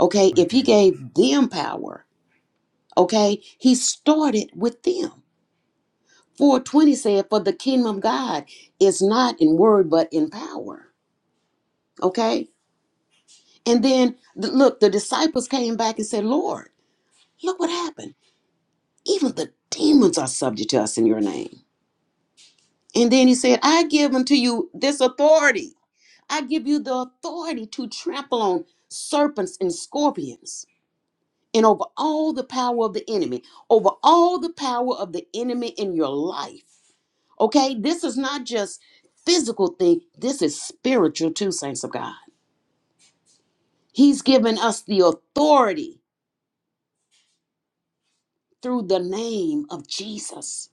Speaker 3: okay
Speaker 2: Thank
Speaker 3: if
Speaker 2: you,
Speaker 3: he
Speaker 2: Jesus.
Speaker 3: gave them power okay he started with them 420 said for the kingdom of god is not in word but in power okay And then, th- look, the disciples came back and said, Lord, look what happened. Even the demons are subject to us in your name. And then he said, I give unto you this authority. I give you the authority to trample on serpents and scorpions and over all the power of the enemy, over all the power of the enemy in your life. Okay, this is not just physical thing, this is spiritual too, saints of God. He's given us the authority through the name of Jesus.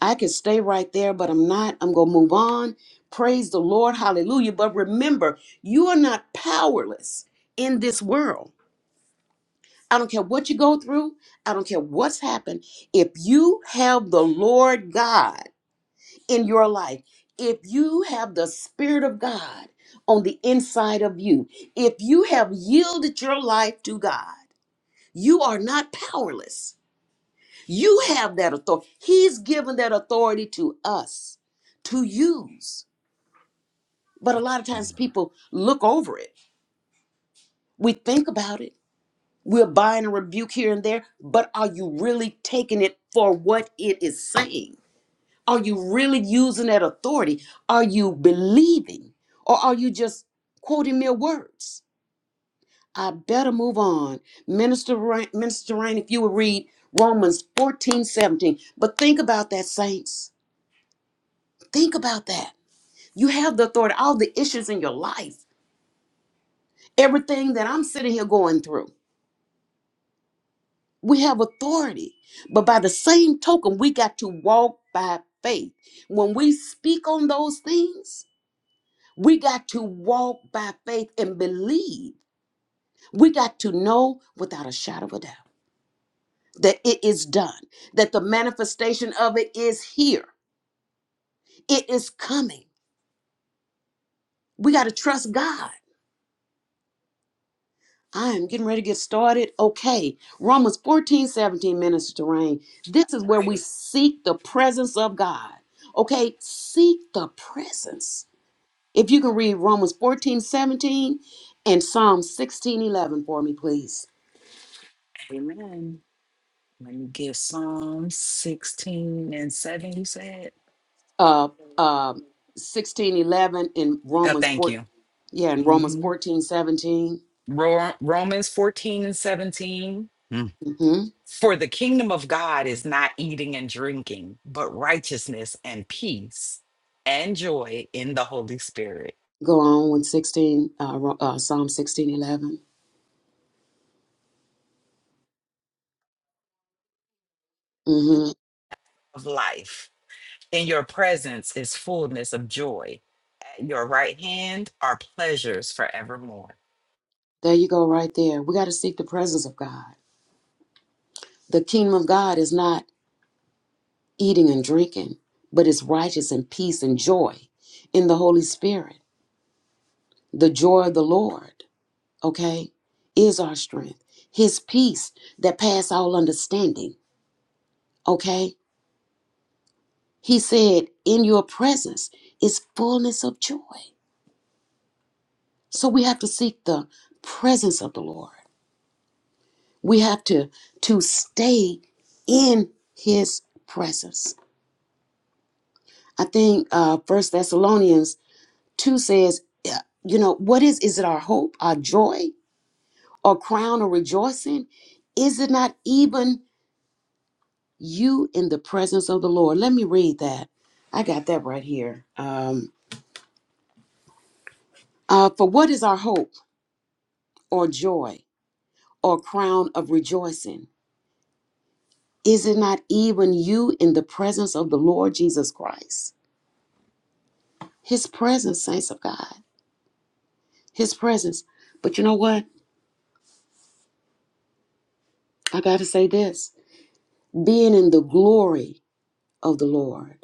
Speaker 3: I could stay right there, but I'm not. I'm going to move on. Praise the Lord. Hallelujah. But remember, you are not powerless in this world. I don't care what you go through, I don't care what's happened. If you have the Lord God in your life, if you have the Spirit of God on the inside of you, if you have yielded your life to God, you are not powerless. You have that authority. He's given that authority to us to use. But a lot of times
Speaker 2: Amen.
Speaker 3: people look over it. We think about it. We'll bind and rebuke here and there, but are you really taking it for what it is saying? Are you really using that authority? Are you believing? Or are you just quoting mere words? I better move on. Minister Rain, Minister Rain, if you would read Romans 14 17, But think about that, saints. Think about that. You have the authority, all the issues in your life, everything that I'm sitting here going through. We have authority. But by the same token, we got to walk by faith. When we speak on those things, we got to walk by faith and believe. We got to know without a shadow of a doubt that it is done, that the manifestation of it is here, it is coming. We got to trust God. I am getting ready to get started. Okay. Romans fourteen seventeen 17 minutes to rain. This is where we
Speaker 4: Alrighty.
Speaker 3: seek the presence of God. Okay. Seek the presence. If you can read Romans 14 17 and Psalm 16 11 for me, please.
Speaker 4: Amen. Let me give Psalm 16 and 7, you said?
Speaker 3: Uh, uh, 16 11 in
Speaker 4: Oh,
Speaker 3: Romans
Speaker 4: thank
Speaker 3: 4.
Speaker 4: you.
Speaker 3: Yeah, in Romans
Speaker 4: hmm
Speaker 3: fourteen seventeen.
Speaker 4: Ro- Romans 14 and 17. Mm.
Speaker 3: 17. hmm
Speaker 4: For the kingdom of God is not eating and drinking, but righteousness and peace and joy in the Holy Spirit
Speaker 3: Go on with 16, uh, Ro- uh, Psalm sixteen eleven. 11. hmm
Speaker 4: of life. In your presence is fullness of joy. At your right hand are pleasures forevermore.
Speaker 3: There you go, right there. We got to seek the presence of God. The kingdom of God is not eating and drinking, but it's righteous and peace and joy in the Holy Spirit. The joy of the Lord, okay, is our strength. His peace that pass all understanding, okay? He said, in your presence is fullness of joy. So we have to seek the presence of the Lord. We have to to stay in his presence. I think uh First Thessalonians Two says, uh, you know, what is, is it our hope, our joy, or crown or rejoicing? Is it not even you in the presence of the Lord? Let me read that. I got that right here. Um, uh, for what is our hope or joy or crown of rejoicing? Is it not even you in the presence of the Lord Jesus Christ? His presence, saints of God, His presence. But you know what? I got to say this being in the glory of the Lord.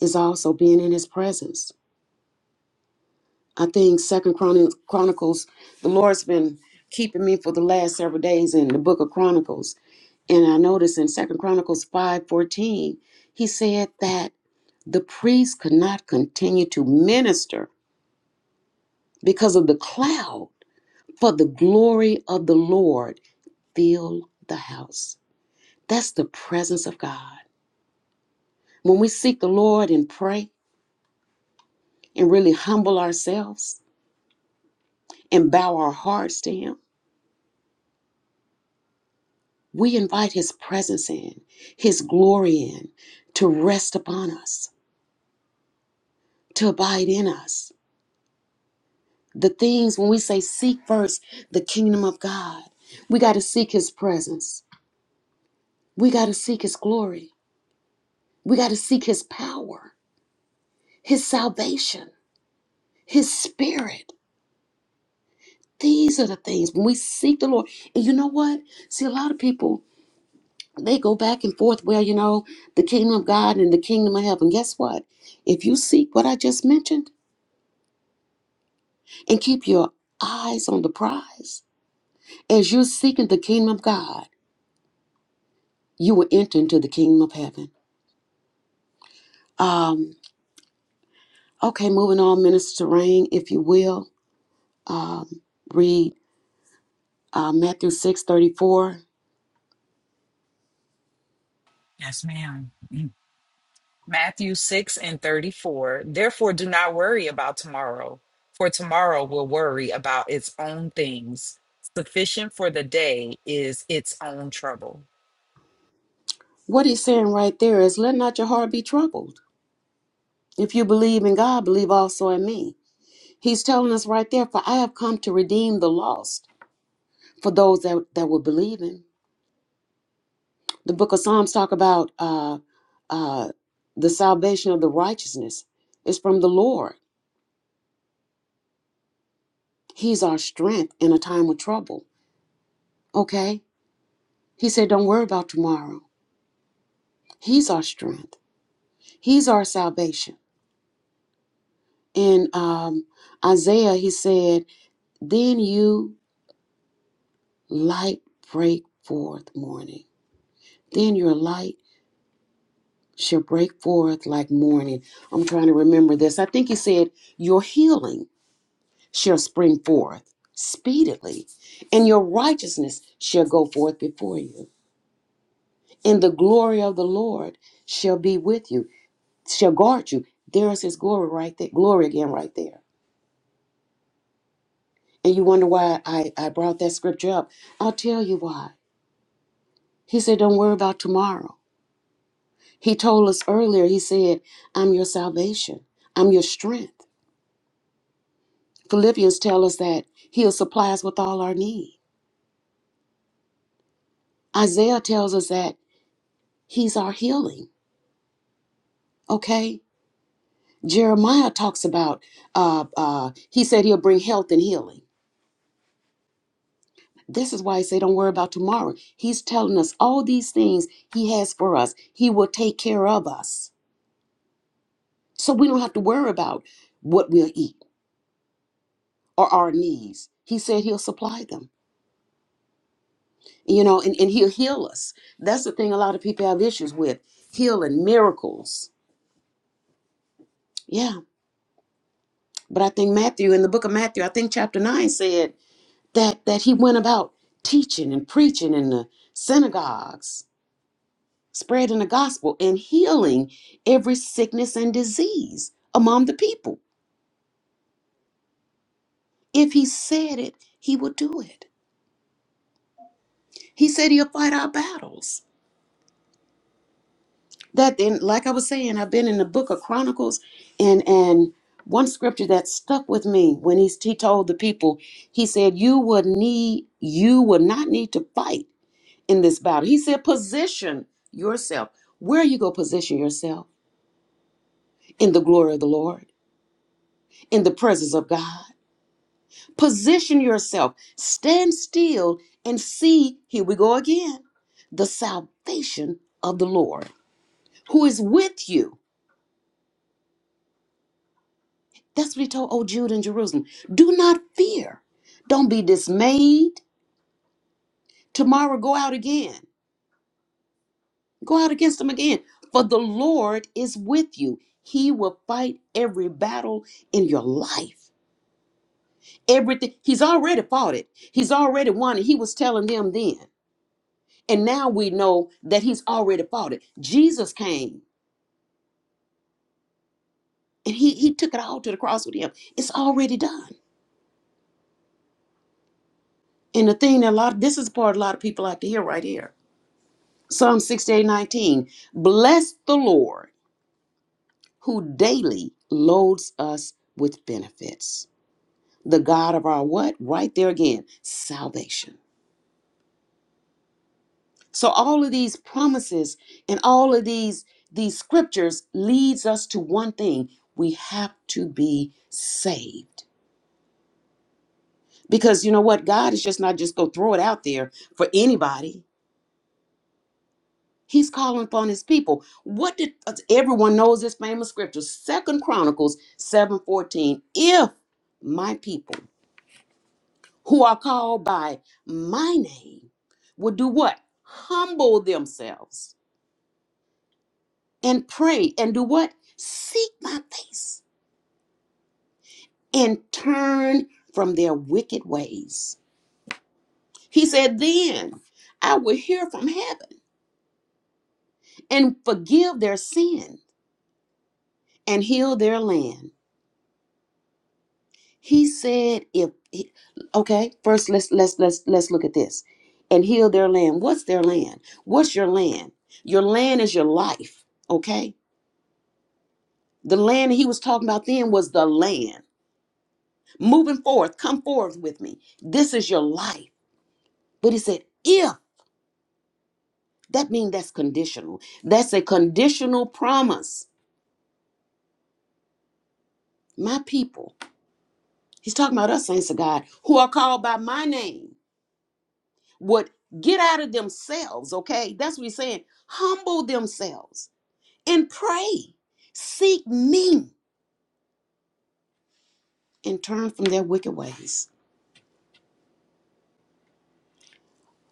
Speaker 3: is also being in his presence. I think Second Chron- Chronicles, the Lord's been keeping me for the last several days in the book of Chronicles. And I noticed in Second Chronicles 5:14, he said that the priest could not continue to minister because of the cloud, for the glory of the Lord filled the house. That's the presence of God. When we seek the Lord and pray and really humble ourselves and bow our hearts to him, We invite His presence in, His glory in, to rest upon us, to abide in us. The things, when we say seek first the kingdom of God, we got to seek His presence. We got to seek His glory. We got to seek His power, His salvation, His spirit. These are the things when we seek the Lord. And you know what? See, a lot of people, they go back and forth. Well, you know, the kingdom of God and the kingdom of heaven. Guess what? If you seek what I just mentioned, and keep your eyes on the prize. As you're seeking the kingdom of God, you will enter into the kingdom of heaven. Um, okay, moving on, Minister Rain, if you will, um, read uh, Matthew six thirty four.
Speaker 4: Yes, ma'am. Matthew 6 and 34. Therefore, do not worry about tomorrow, for tomorrow will worry about its own things. Sufficient for the day is its own trouble.
Speaker 3: What he's saying right there is, let not your heart be troubled. If you believe in God, believe also in me. He's telling us right there, for I have come to redeem the lost for those that, that will believe him. The book of Psalms talk about uh, uh, the salvation of the righteousness. It's from the Lord. He's our strength in a time of trouble. Okay? He said, don't worry about tomorrow. He's our strength. He's our salvation. In um, Isaiah, he said, then you light break forth morning. Then your light shall break forth like morning. I'm trying to remember this. I think he said, your healing. shall spring forth speedily, and your righteousness shall go forth before you. And the glory of the Lord shall be with you, shall guard you. There is his glory right there, glory again right there. And you wonder why I, I brought that scripture up. I'll tell you why. He said, Don't worry about tomorrow. He told us earlier, he said, I'm your salvation, I'm your strength. Philippians tell us that he'll supply us with all our need. Isaiah tells us that he's our healing. Okay? Jeremiah talks about uh, uh, he said he'll bring health and healing. This is why I say don't worry about tomorrow. He's telling us all these things he has for us. He will take care of us. So we don't have to worry about what we'll eat or our needs. He said he'll supply them, you know, and, and he'll heal us. That's the thing a lot of people have issues with healing, miracles. Yeah. But I think Matthew, in the book of Matthew, I think chapter 9 said that that he went about teaching and preaching in the synagogues spreading the gospel and healing every sickness and disease among the people if he said it he would do it he said he'll fight our battles that then like i was saying i've been in the book of chronicles and and one scripture that stuck with me when he, he told the people he said you would need you would not need to fight in this battle. He said, Position yourself. Where are you go position yourself? In the glory of the Lord, in the presence of God. Position yourself. Stand still and see, here we go again, the salvation of the Lord who is with you. That's what he told old Jude in Jerusalem. Do not fear. Don't be dismayed. Tomorrow go out again. Go out against them again. For the Lord is with you. He will fight every battle in your life. Everything. He's already fought it. He's already won it. He was telling them then. And now we know that he's already fought it. Jesus came and he, he took it all to the cross with him. It's already done. And the thing that a lot, this is the part a lot of people like to hear right here. Psalm 68 19. Bless the Lord who daily loads us with benefits. the God of our what? Right there again, salvation. So all of these promises and all of these these scriptures leads us to one thing. We have to be saved. Because you know what? God is just not just going to throw it out there for anybody. He's calling upon his people. What did uh, everyone knows this famous scripture, Second Chronicles 7:14. If my people who are called by my name will do what? Humble themselves and pray and do what? Seek my face and turn from their wicked ways. He said, Then I will hear from heaven and forgive their sin and heal their land. He said, if okay, first let's let's let's let's look at this. And heal their land. What's their land? What's your land? Your land is your life, okay? The land he was talking about then was the land. Moving forth, come forth with me. This is your life. But he said, if that means that's conditional. That's a conditional promise. My people, he's talking about us, saints of God, who are called by my name, would get out of themselves, okay? That's what he's saying. Humble themselves and pray. Seek me and turn from their wicked ways.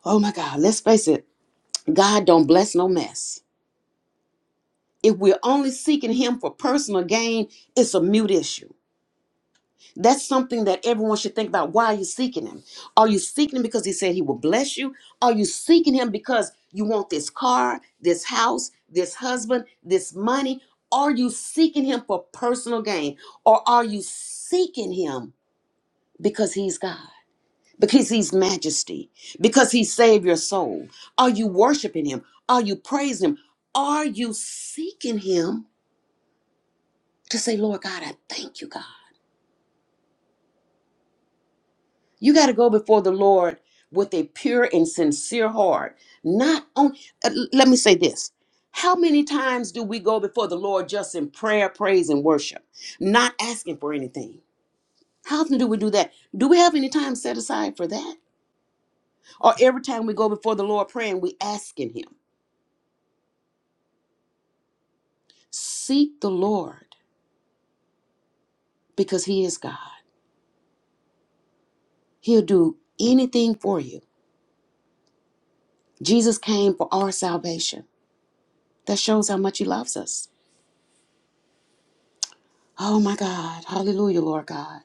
Speaker 3: Oh my God, let's face it, God don't bless no mess. If we're only seeking Him for personal gain, it's a mute issue. That's something that everyone should think about. Why are you seeking Him? Are you seeking Him because He said He will bless you? Are you seeking Him because you want this car, this house, this husband, this money? Are you seeking Him for personal gain? Or are you seeking Him because He's God? Because he's majesty, because he saved your soul. Are you worshiping him? Are you praising him? Are you seeking him to say, Lord God, I thank you, God. You got to go before the Lord with a pure and sincere heart. Not on, uh, let me say this. How many times do we go before the Lord just in prayer, praise, and worship, not asking for anything? How often do we do that? Do we have any time set aside for that? Or every time we go before the Lord praying, we asking Him? Seek the Lord because He is God. He'll do anything for you. Jesus came for our salvation. That shows how much He loves us. Oh my God. Hallelujah, Lord God.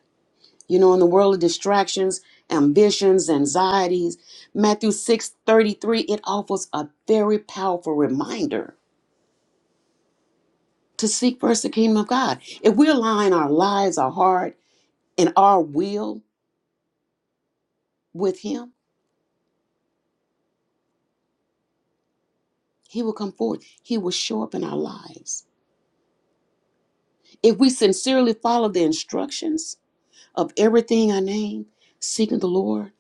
Speaker 3: You know, in the world of distractions, ambitions, anxieties, Matthew 6 33, it offers a very powerful reminder to seek first the kingdom of God. If we align our lives, our heart, and our will with Him, He will come forth. He will show up in our lives. If we sincerely follow the instructions of everything I name, seeking the Lord,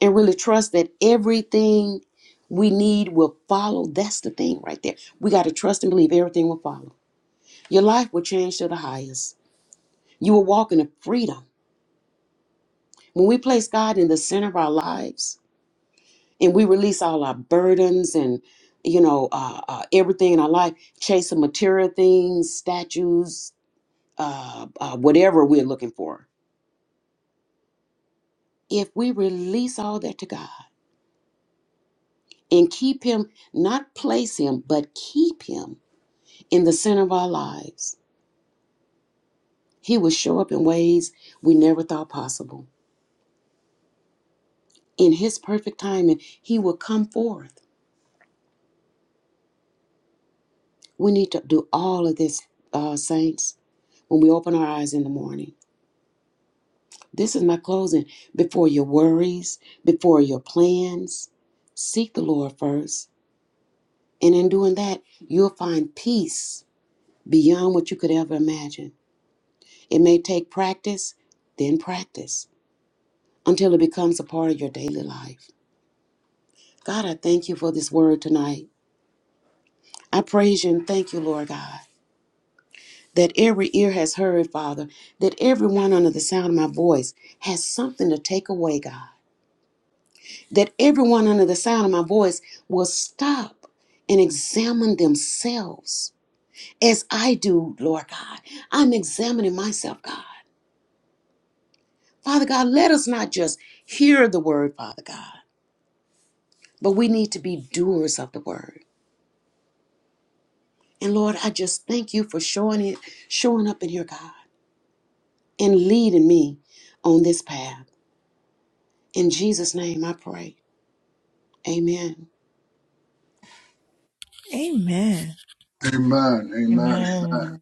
Speaker 3: and really trust that everything we need will follow. That's the thing right there. We got to trust and believe everything will follow. Your life will change to the highest. You will walk in a freedom. When we place God in the center of our lives and we release all our burdens and you know uh, uh, everything in our life, chasing material things, statues, uh, uh, whatever we're looking for. If we release all that to God and keep Him, not place Him, but keep Him in the center of our lives. He will show up in ways we never thought possible. In His perfect timing, He will come forth. We need to do all of this, uh, saints, when we open our eyes in the morning. This is my closing. Before your worries, before your plans, seek the Lord first. And in doing that, you'll find peace beyond what you could ever imagine. It may take practice, then practice, until it becomes a part of your daily life. God, I thank you for this word tonight. I praise you and thank you, Lord God, that every ear has heard, Father, that everyone under the sound of my voice has something to take away, God, that everyone under the sound of my voice will stop and examine themselves as I do, Lord God. I'm examining myself, God. Father God, let us not just hear the word, Father God, but we need to be doers of the word. And Lord, I just thank you for showing it, showing up in here, God. and leading me on this path. In Jesus' name I pray. Amen.
Speaker 2: Amen. Amen. Amen.
Speaker 4: Amen.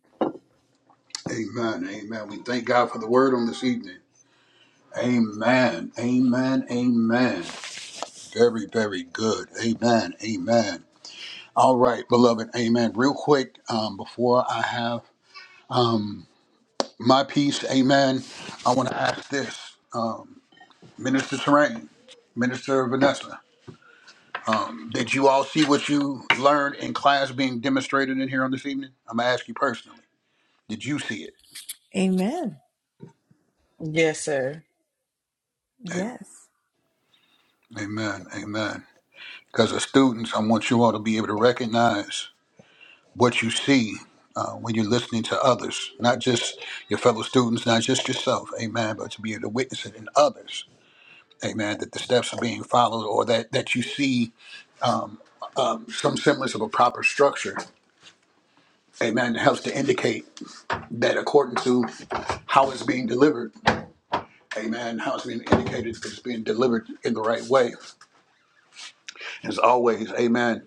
Speaker 2: Amen. Amen. We thank God for the word on this evening. Amen. Amen. Amen. Very, very good. Amen. Amen. All right, beloved. Amen. Real quick, um, before I have my piece, amen, I want to ask this. Um, Minister Terrain, Minister Vanessa. Did you all see what you learned in class being demonstrated in here on this evening? I'm gonna ask you personally. Did you see it?
Speaker 4: Yes, sir.
Speaker 2: Am- Amen. Amen. Because as students, I want you all to be able to recognize what you see uh, when you're listening to others, not just your fellow students, not just yourself. Amen. But to be able to witness it in others. Amen. That the steps are being followed, or that that you see some semblance of a proper structure. Amen. It helps to indicate that according to how it's being delivered Amen. How it's being indicated it's being delivered in the right way. As always, amen.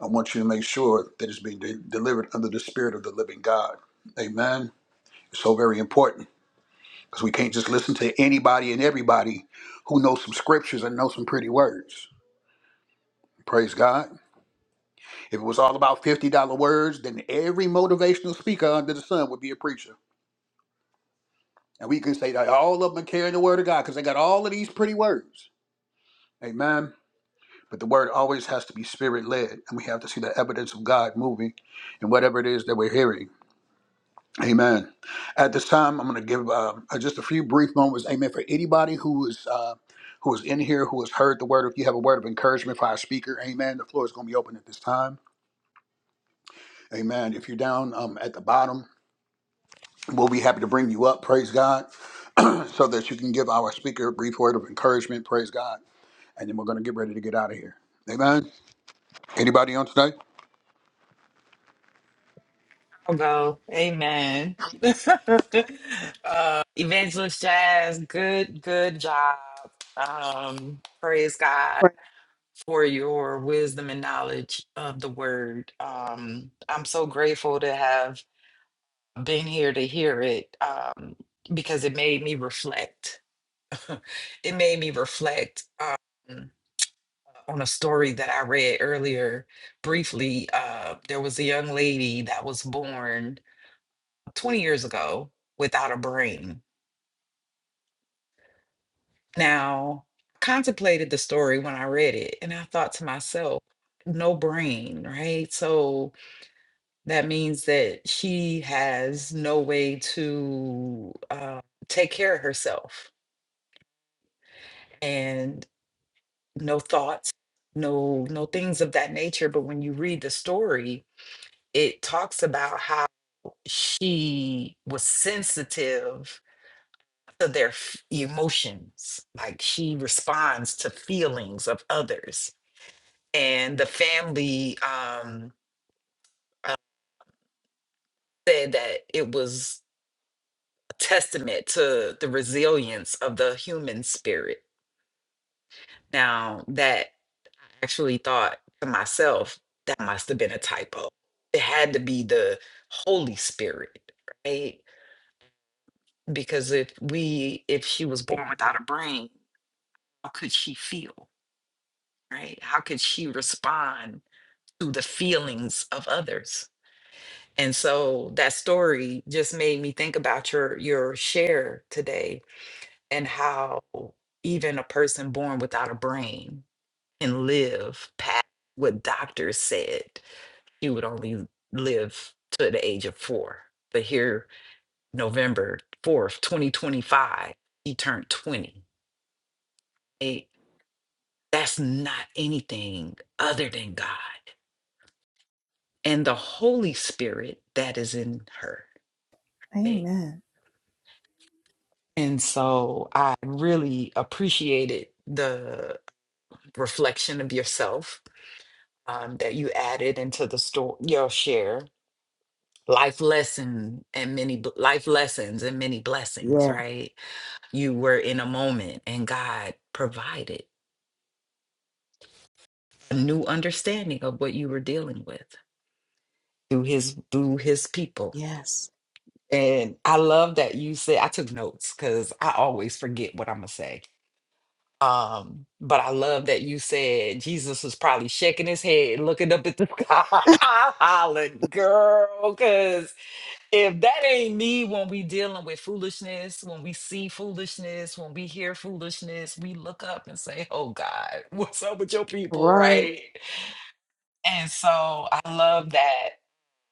Speaker 2: I want you to make sure that it's being de- delivered under the spirit of the living God. Amen. It's so very important because we can't just listen to anybody and everybody who knows some scriptures and knows some pretty words. Praise God. If it was all about $50 words, then every motivational speaker under the sun would be a preacher. And we can say that all of them are carrying the word of God because they got all of these pretty words. Amen. But the word always has to be spirit led, and we have to see the evidence of God moving in whatever it is that we're hearing. Amen. At this time, I'm going to give um, uh, just a few brief moments. Amen. For anybody who is uh, who is in here, who has heard the word, if you have a word of encouragement for our speaker, Amen. The floor is going to be open at this time. Amen. If you're down um, at the bottom, we'll be happy to bring you up. Praise God, so that you can give our speaker a brief word of encouragement. Praise God, and then we're going to get ready to get out of here. Amen. Anybody on today?
Speaker 4: I'll go. Amen. uh, Evangelist Jazz, good, good job. Um, praise God
Speaker 3: Right.
Speaker 4: for your wisdom and knowledge of the word. Um, I'm so grateful to have been here to hear it um, because it made me reflect. it made me reflect um, on a story that I read earlier briefly. Uh, there was a young lady that was born 20 years ago without a brain. Now, contemplated the story when I read it, and I thought to myself, no brain, right? So that means that she has no way to uh, take care of herself and no thoughts no no things of that nature but when you read the story it talks about how she was sensitive to their f- emotions like she responds to feelings of others and the family um uh, said that it was a testament to the resilience of the human spirit now that. actually thought to myself, that must have been a typo. It had to be the Holy Spirit, right? Because if we, if she was born without a brain, how could she feel, right? How could she respond to the feelings of others? And so that story just made me think about your your share today and how even a person born without a brain can live past what doctors said she would only live to the age of four. But here, November 4th, 2025, he turned 20. Eh, that's not anything other than God and the Holy Spirit that is in her. eh. And so I really appreciated the reflection of yourself um, that you added into the story, your share life lesson and many bl- life lessons and many blessings
Speaker 3: Yes.
Speaker 4: right you were in a moment and God provided a new understanding of what you were dealing with through his through his people.
Speaker 3: Yes.
Speaker 4: And I love that you said I took notes because I always forget what I'm gonna say. Um, but I love that you said Jesus was probably shaking his head, looking up at the sky, hollering, girl, cuz If that ain't me when we dealing with foolishness, when we see foolishness, when we hear foolishness, we look up and say, "Oh God, what's up with your
Speaker 3: All
Speaker 4: people?"
Speaker 3: right.
Speaker 4: Right? And so I love that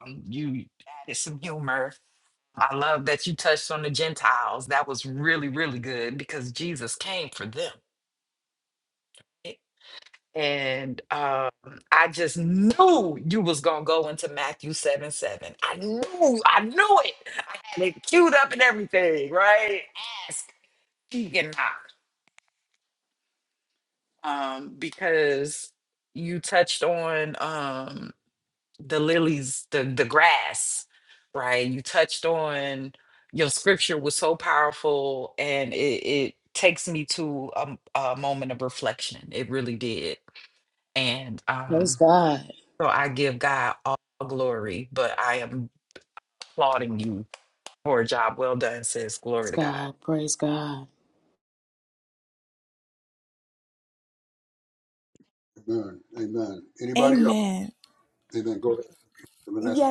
Speaker 4: um, you added some humor. I love that you touched on the Gentiles. That was really, really good because Jesus came for them. and um, I just knew you was gonna go into Matthew seven seven. I knew, I knew it. I had it queued up and everything, right? Ask, seek, and knock, um, because you touched on um the lilies, the the grass, right? You touched on your scripture was so powerful, and it it takes me to a, a moment of reflection. It really did, and um
Speaker 3: Praise God.
Speaker 4: So I give God all glory, but I am applauding you for a job well done, sis. Glory
Speaker 3: Praise
Speaker 4: to God.
Speaker 3: God. Praise God.
Speaker 2: Amen. Amen. Anybody else? Amen. Go ahead. Vanessa.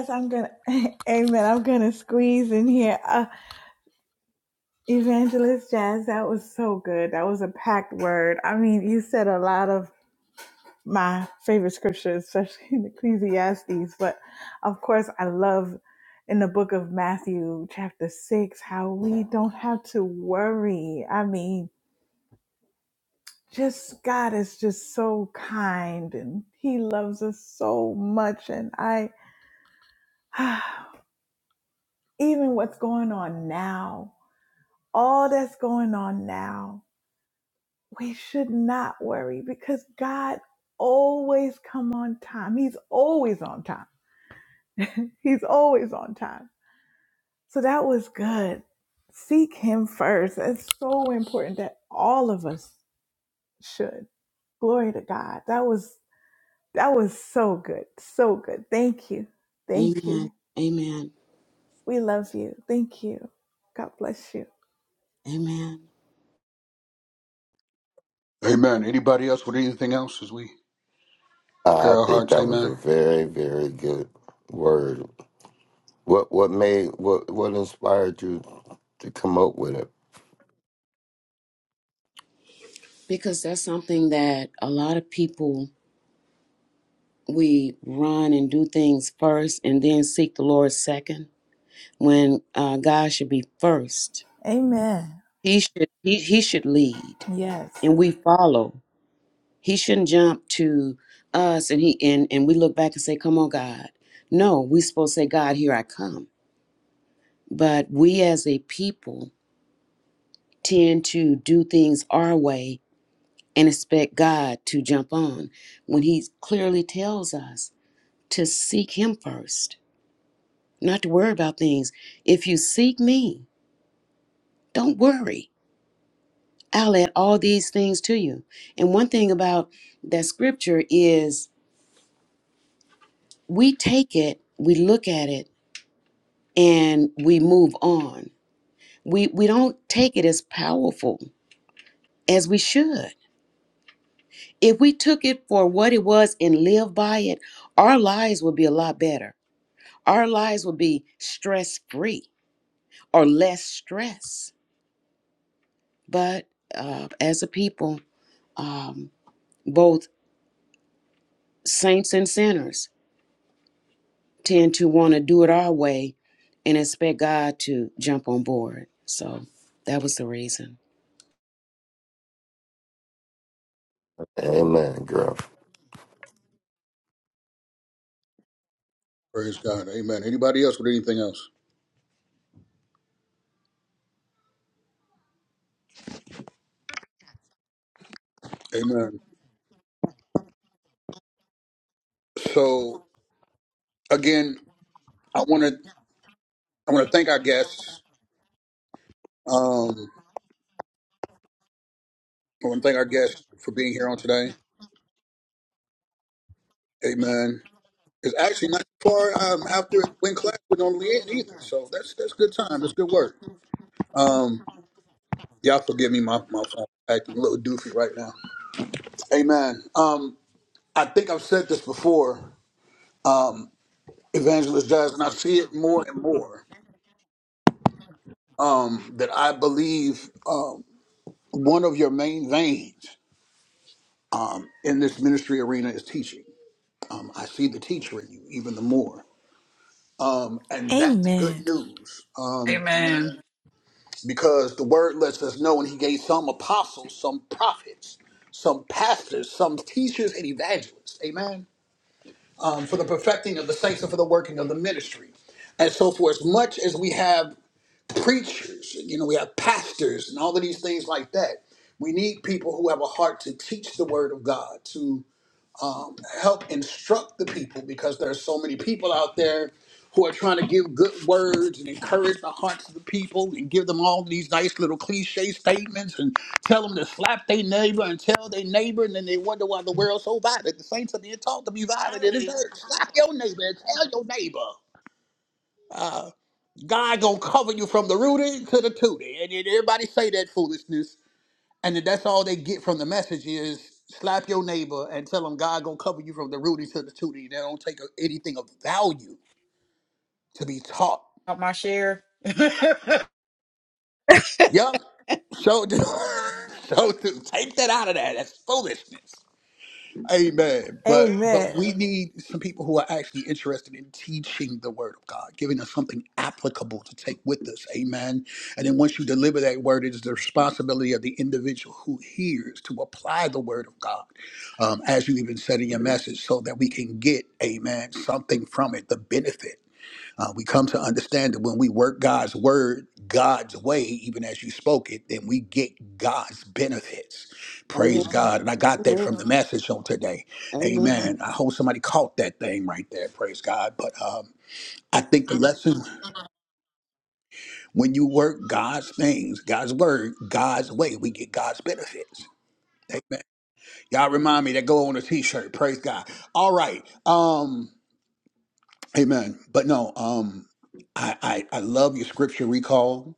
Speaker 3: Amen. Amen. Amen.
Speaker 2: Amen. Anybody else with anything else as we prepare
Speaker 6: I
Speaker 2: our
Speaker 6: think
Speaker 2: hearts?
Speaker 6: that was a
Speaker 2: Amen.
Speaker 6: very, very good word. What what made what what inspired you to come up with it?
Speaker 3: Because that's something that a lot of people we run and do things first and then seek the Lord second when uh, God should be first. He should he, he should lead and we follow. He shouldn't jump to us and he and, and we look back and say, Come on, God. No, we supposed to say, God, here I come. But we as a people tend to do things our way and expect God to jump on when he clearly tells us to seek him first, not to worry about things. If you seek me, don't worry. I'll add all these things to you. And one thing about that scripture is we take it, we look at it, and we move on. We we don't take it as powerful as we should. If we took it for what it was and lived by it, our lives would be a lot better. Our lives would be stress free or less stress. But uh, as a people, um, both saints and sinners tend to want to do it our way and expect God to jump on board. So that was the reason.
Speaker 6: Amen, girl.
Speaker 2: Praise God. Amen. Anybody else with anything else? Amen. So again, I want to I want to thank our guests. Um, I want to thank our guests for being here on today. Amen. It's actually not far um, after when class was on the end either, so that's that's good time. That's good work. Um, y'all forgive me, my my phone acting a little doofy right now. Amen. Um, I think I've said this before, Evangelist Giles, and I see it more and more um, that I believe um, one of your main veins in this ministry arena is teaching. Um, I see the teacher in you even the more. Um, and that's good news um,
Speaker 4: Amen.
Speaker 2: because the word lets us know, and he gave some apostles, some prophets, some pastors, some teachers, and evangelists. Amen. Um, for the perfecting of the saints and for the working of the ministry. And so, for as much as we have preachers, you know, we have pastors and all of these things like that. We need people who have a heart to teach the word of God, to help instruct the people, because there are so many people out there who are trying to give good words and encourage the hearts of the people and give them all these nice little cliche statements and tell them to slap their neighbor and tell their neighbor, and then they wonder why the world's so violent. The saints are being taught to be violent in this earth. Slap your neighbor and tell your neighbor. God gonna cover you from the rooty to the tooty, and then everybody say that foolishness, and then that's all they get from the message is slap your neighbor and tell them God gonna cover you from the rooty to the tooty. They don't take anything of value to be taught.
Speaker 4: Help my share.
Speaker 2: Yep. So do. So do. Take that out of that. That's foolishness. Amen. But but we need some people who are actually interested in teaching the word of God, giving us something applicable to take with us. Amen. And then once you deliver that word, it is the responsibility of the individual who hears to apply the word of God, um, as you even said in your message, so that we can get, amen, something from it, the benefit. Uh, we come to understand that when we work God's word God's way, even as you spoke it, then we get God's benefits.
Speaker 3: Amen.
Speaker 2: Praise God. And I got that from the message on today.
Speaker 3: Amen.
Speaker 2: Amen. I hope somebody caught that thing right there. Praise God. But um, I think the lesson when you work God's things, God's word, God's way, we get God's benefits. Amen. Y'all remind me that go on a t-shirt. Praise God. All right. Um, Amen. But no, um, I, I, I love your scripture recall.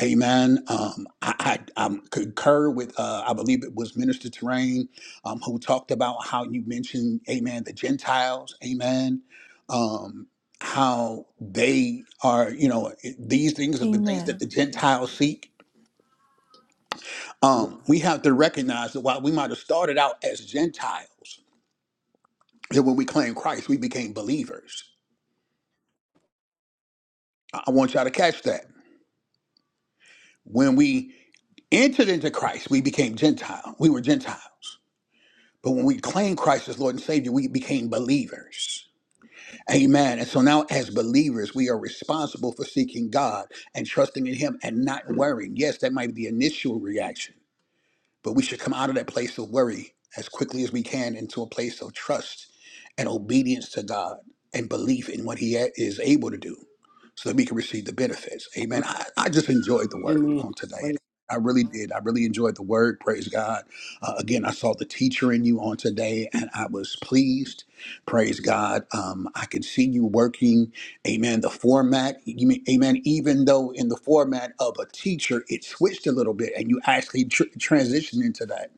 Speaker 2: Amen. Um, I, I um, concur with, uh, I believe it was Minister Terrain um, who talked about how you mentioned, amen, the Gentiles, amen, um, how they are, you know, these things are the things that the Gentiles seek.
Speaker 3: Amen.
Speaker 2: Um, we have to recognize that while we might have started out as Gentiles, that when we claimed Christ, we became believers. I I want y'all to catch that When we entered into Christ, we became Gentile. We were Gentiles. But when we claimed Christ as Lord and Savior, we became believers. Amen. And so now, as believers, we are responsible for seeking God and trusting in Him and not worrying. Yes, that might be the initial reaction but we should come out of that place of worry as quickly as we can into a place of trust and obedience to God and belief in what He a- is able to do so that we can receive the benefits. Amen. I, I just enjoyed the word
Speaker 3: Amen.
Speaker 2: on today.
Speaker 3: Praise,
Speaker 2: I really did. I really enjoyed the word. Praise God. Uh, again, I saw the teacher in you on today and I was pleased. Praise God. Um, I could see you working Amen. The format, you mean, amen. Even though in the format of a teacher, it switched a little bit and you actually tr- transitioned into that.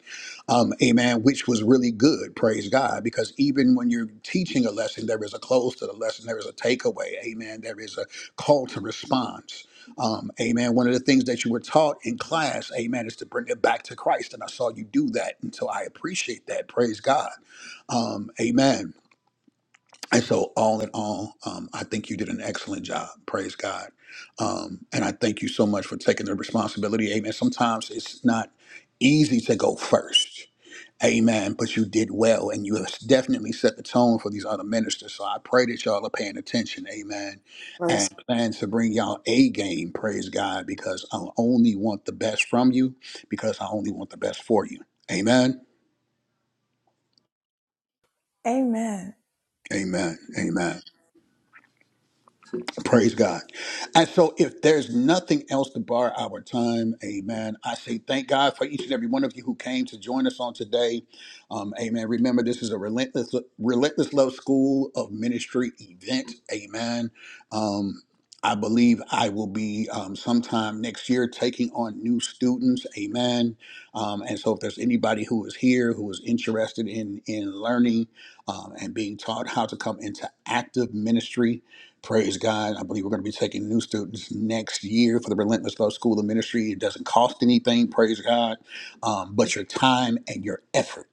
Speaker 2: Um, amen. Which was really good. Praise God. Because even when you're teaching a lesson, there is a close to the lesson, there is a takeaway. Amen. There is a call to response. Um, amen. One of the things that you were taught in class, amen, is to bring it back to Christ. And I saw you do that. And so I appreciate that. Praise God. Um, amen and so, all in all, um, I think you did an excellent job. Praise God. Um, and I thank you so much for taking the responsibility. Amen. Sometimes it's not easy to go first. Amen. But you did well, and you have definitely set the tone for these other ministers. So I pray that y'all are paying attention. Amen. And
Speaker 3: praise.
Speaker 2: plan to bring y'all A game. Praise God. Because I only want the best from you, because I only want the best for you. Amen. Amen. Amen. Praise God. And so, if there's nothing else to bar our time, amen. I say thank God for each and every one of you who came to join us on today. Um, amen. Remember, this is a relentless, relentless love school of ministry event. Amen. Um, I believe I will be um, sometime next year taking on new students. Amen. Um, and so, if there's anybody who is here who is interested in in learning um, and being taught how to come into active ministry, Praise God. I believe we're going to be taking new students next year for the Relentless Love School of Ministry. It doesn't cost anything, praise God, um, but your time and your effort.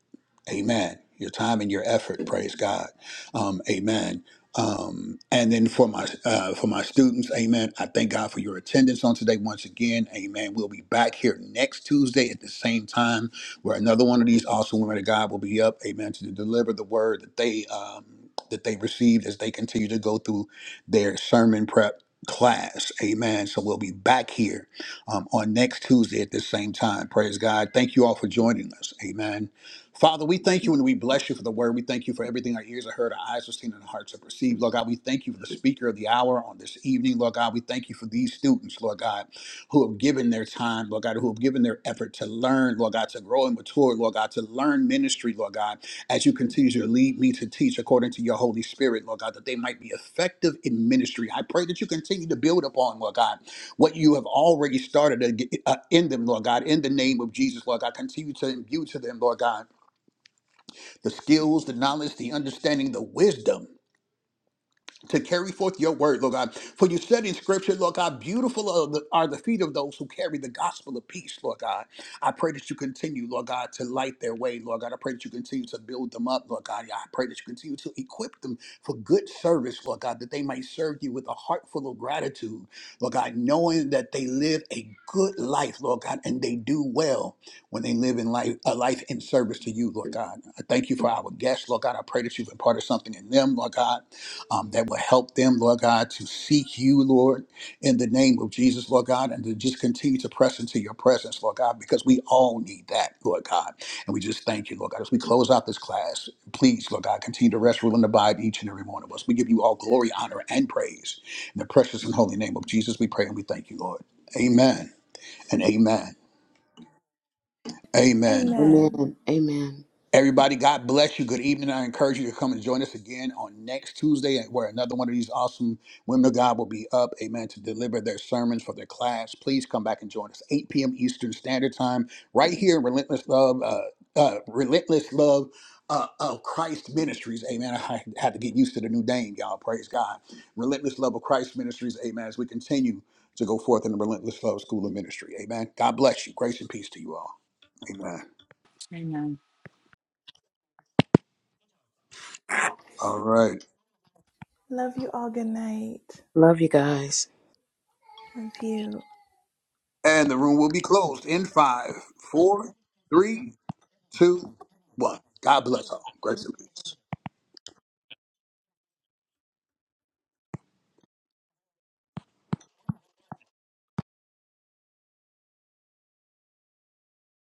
Speaker 2: Amen. Your time and your effort, praise God. Um, amen. Um, and then for my uh, for my students, Amen. I thank God for your attendance on today once again, Amen. We'll be back here next Tuesday at the same time, where another one of these awesome women of God will be up, Amen, to deliver the word that they um, that they received as they continue to go through their sermon prep class. Amen. So we'll be back here um, on next Tuesday at this same time. Praise God. Thank you all for joining us. Amen. Father, we thank you and we bless you for the word. We thank you for everything our ears have heard, our eyes have seen, and our hearts have received. Lord God, we thank you for the speaker of the hour on this evening. Lord God, we thank you for these students, Lord God, who have given their time, Lord God, who have given their effort to learn, Lord God, to grow and mature, Lord God, to learn ministry, Lord God as you continue to lead me to teach according to your Holy Spirit, Lord God, that they might be effective in ministry. I pray that you continue to build upon, Lord God, what you have already started to get, uh, in them, Lord God, in the name of Jesus, Lord God. Continue to imbue to them, Lord God, the skills, the knowledge, the understanding, the wisdom to carry forth your word, Lord God. For you said in scripture, Lord God, beautiful are the, are the feet of those who carry the gospel of peace, Lord God. I pray that you continue, Lord God, to light their way, Lord God. I pray that you continue to build them up, Lord God. I pray that you continue to equip them for good service, Lord God, that they might serve you with a heart full of gratitude, Lord God, knowing that they live a good life, Lord God, and they do well when they live in life, a life in service to you, Lord God. I thank you for our guests, Lord God. I pray that you've imparted something in them, Lord God um, that will help them, Lord God, to seek you, Lord, in the name of Jesus, Lord God, and to just continue to press into your presence, Lord God, because we all need that, Lord God. And we just thank you, Lord God. As we close out this class, please, Lord God, continue to rest, rule, and abide each and every one of us. We give you all glory, honor, and praise. In the precious and holy name of Jesus, we pray and we thank you, Lord. Amen and amen. Amen.
Speaker 3: Amen. Amen.
Speaker 2: Everybody, God bless you. Good evening. I encourage you to come and join us again on next Tuesday, where another one of these awesome women of God will be up, amen, to deliver their sermons for their class. Please come back and join us, 8 p.m. Eastern Standard Time, right here Relentless Love, uh, uh, Relentless Love uh, of Christ Ministries, amen. I had to get used to the new name, y'all. Praise God. Relentless Love of Christ Ministries, amen, as we continue to go forth in the Relentless Love School of Ministry, amen. God bless you. Grace and peace to you all. Amen.
Speaker 4: Amen.
Speaker 2: All right.
Speaker 3: Love you guys.
Speaker 2: And the room will be closed in five, four, three, two, one. God bless all. Grace and peace.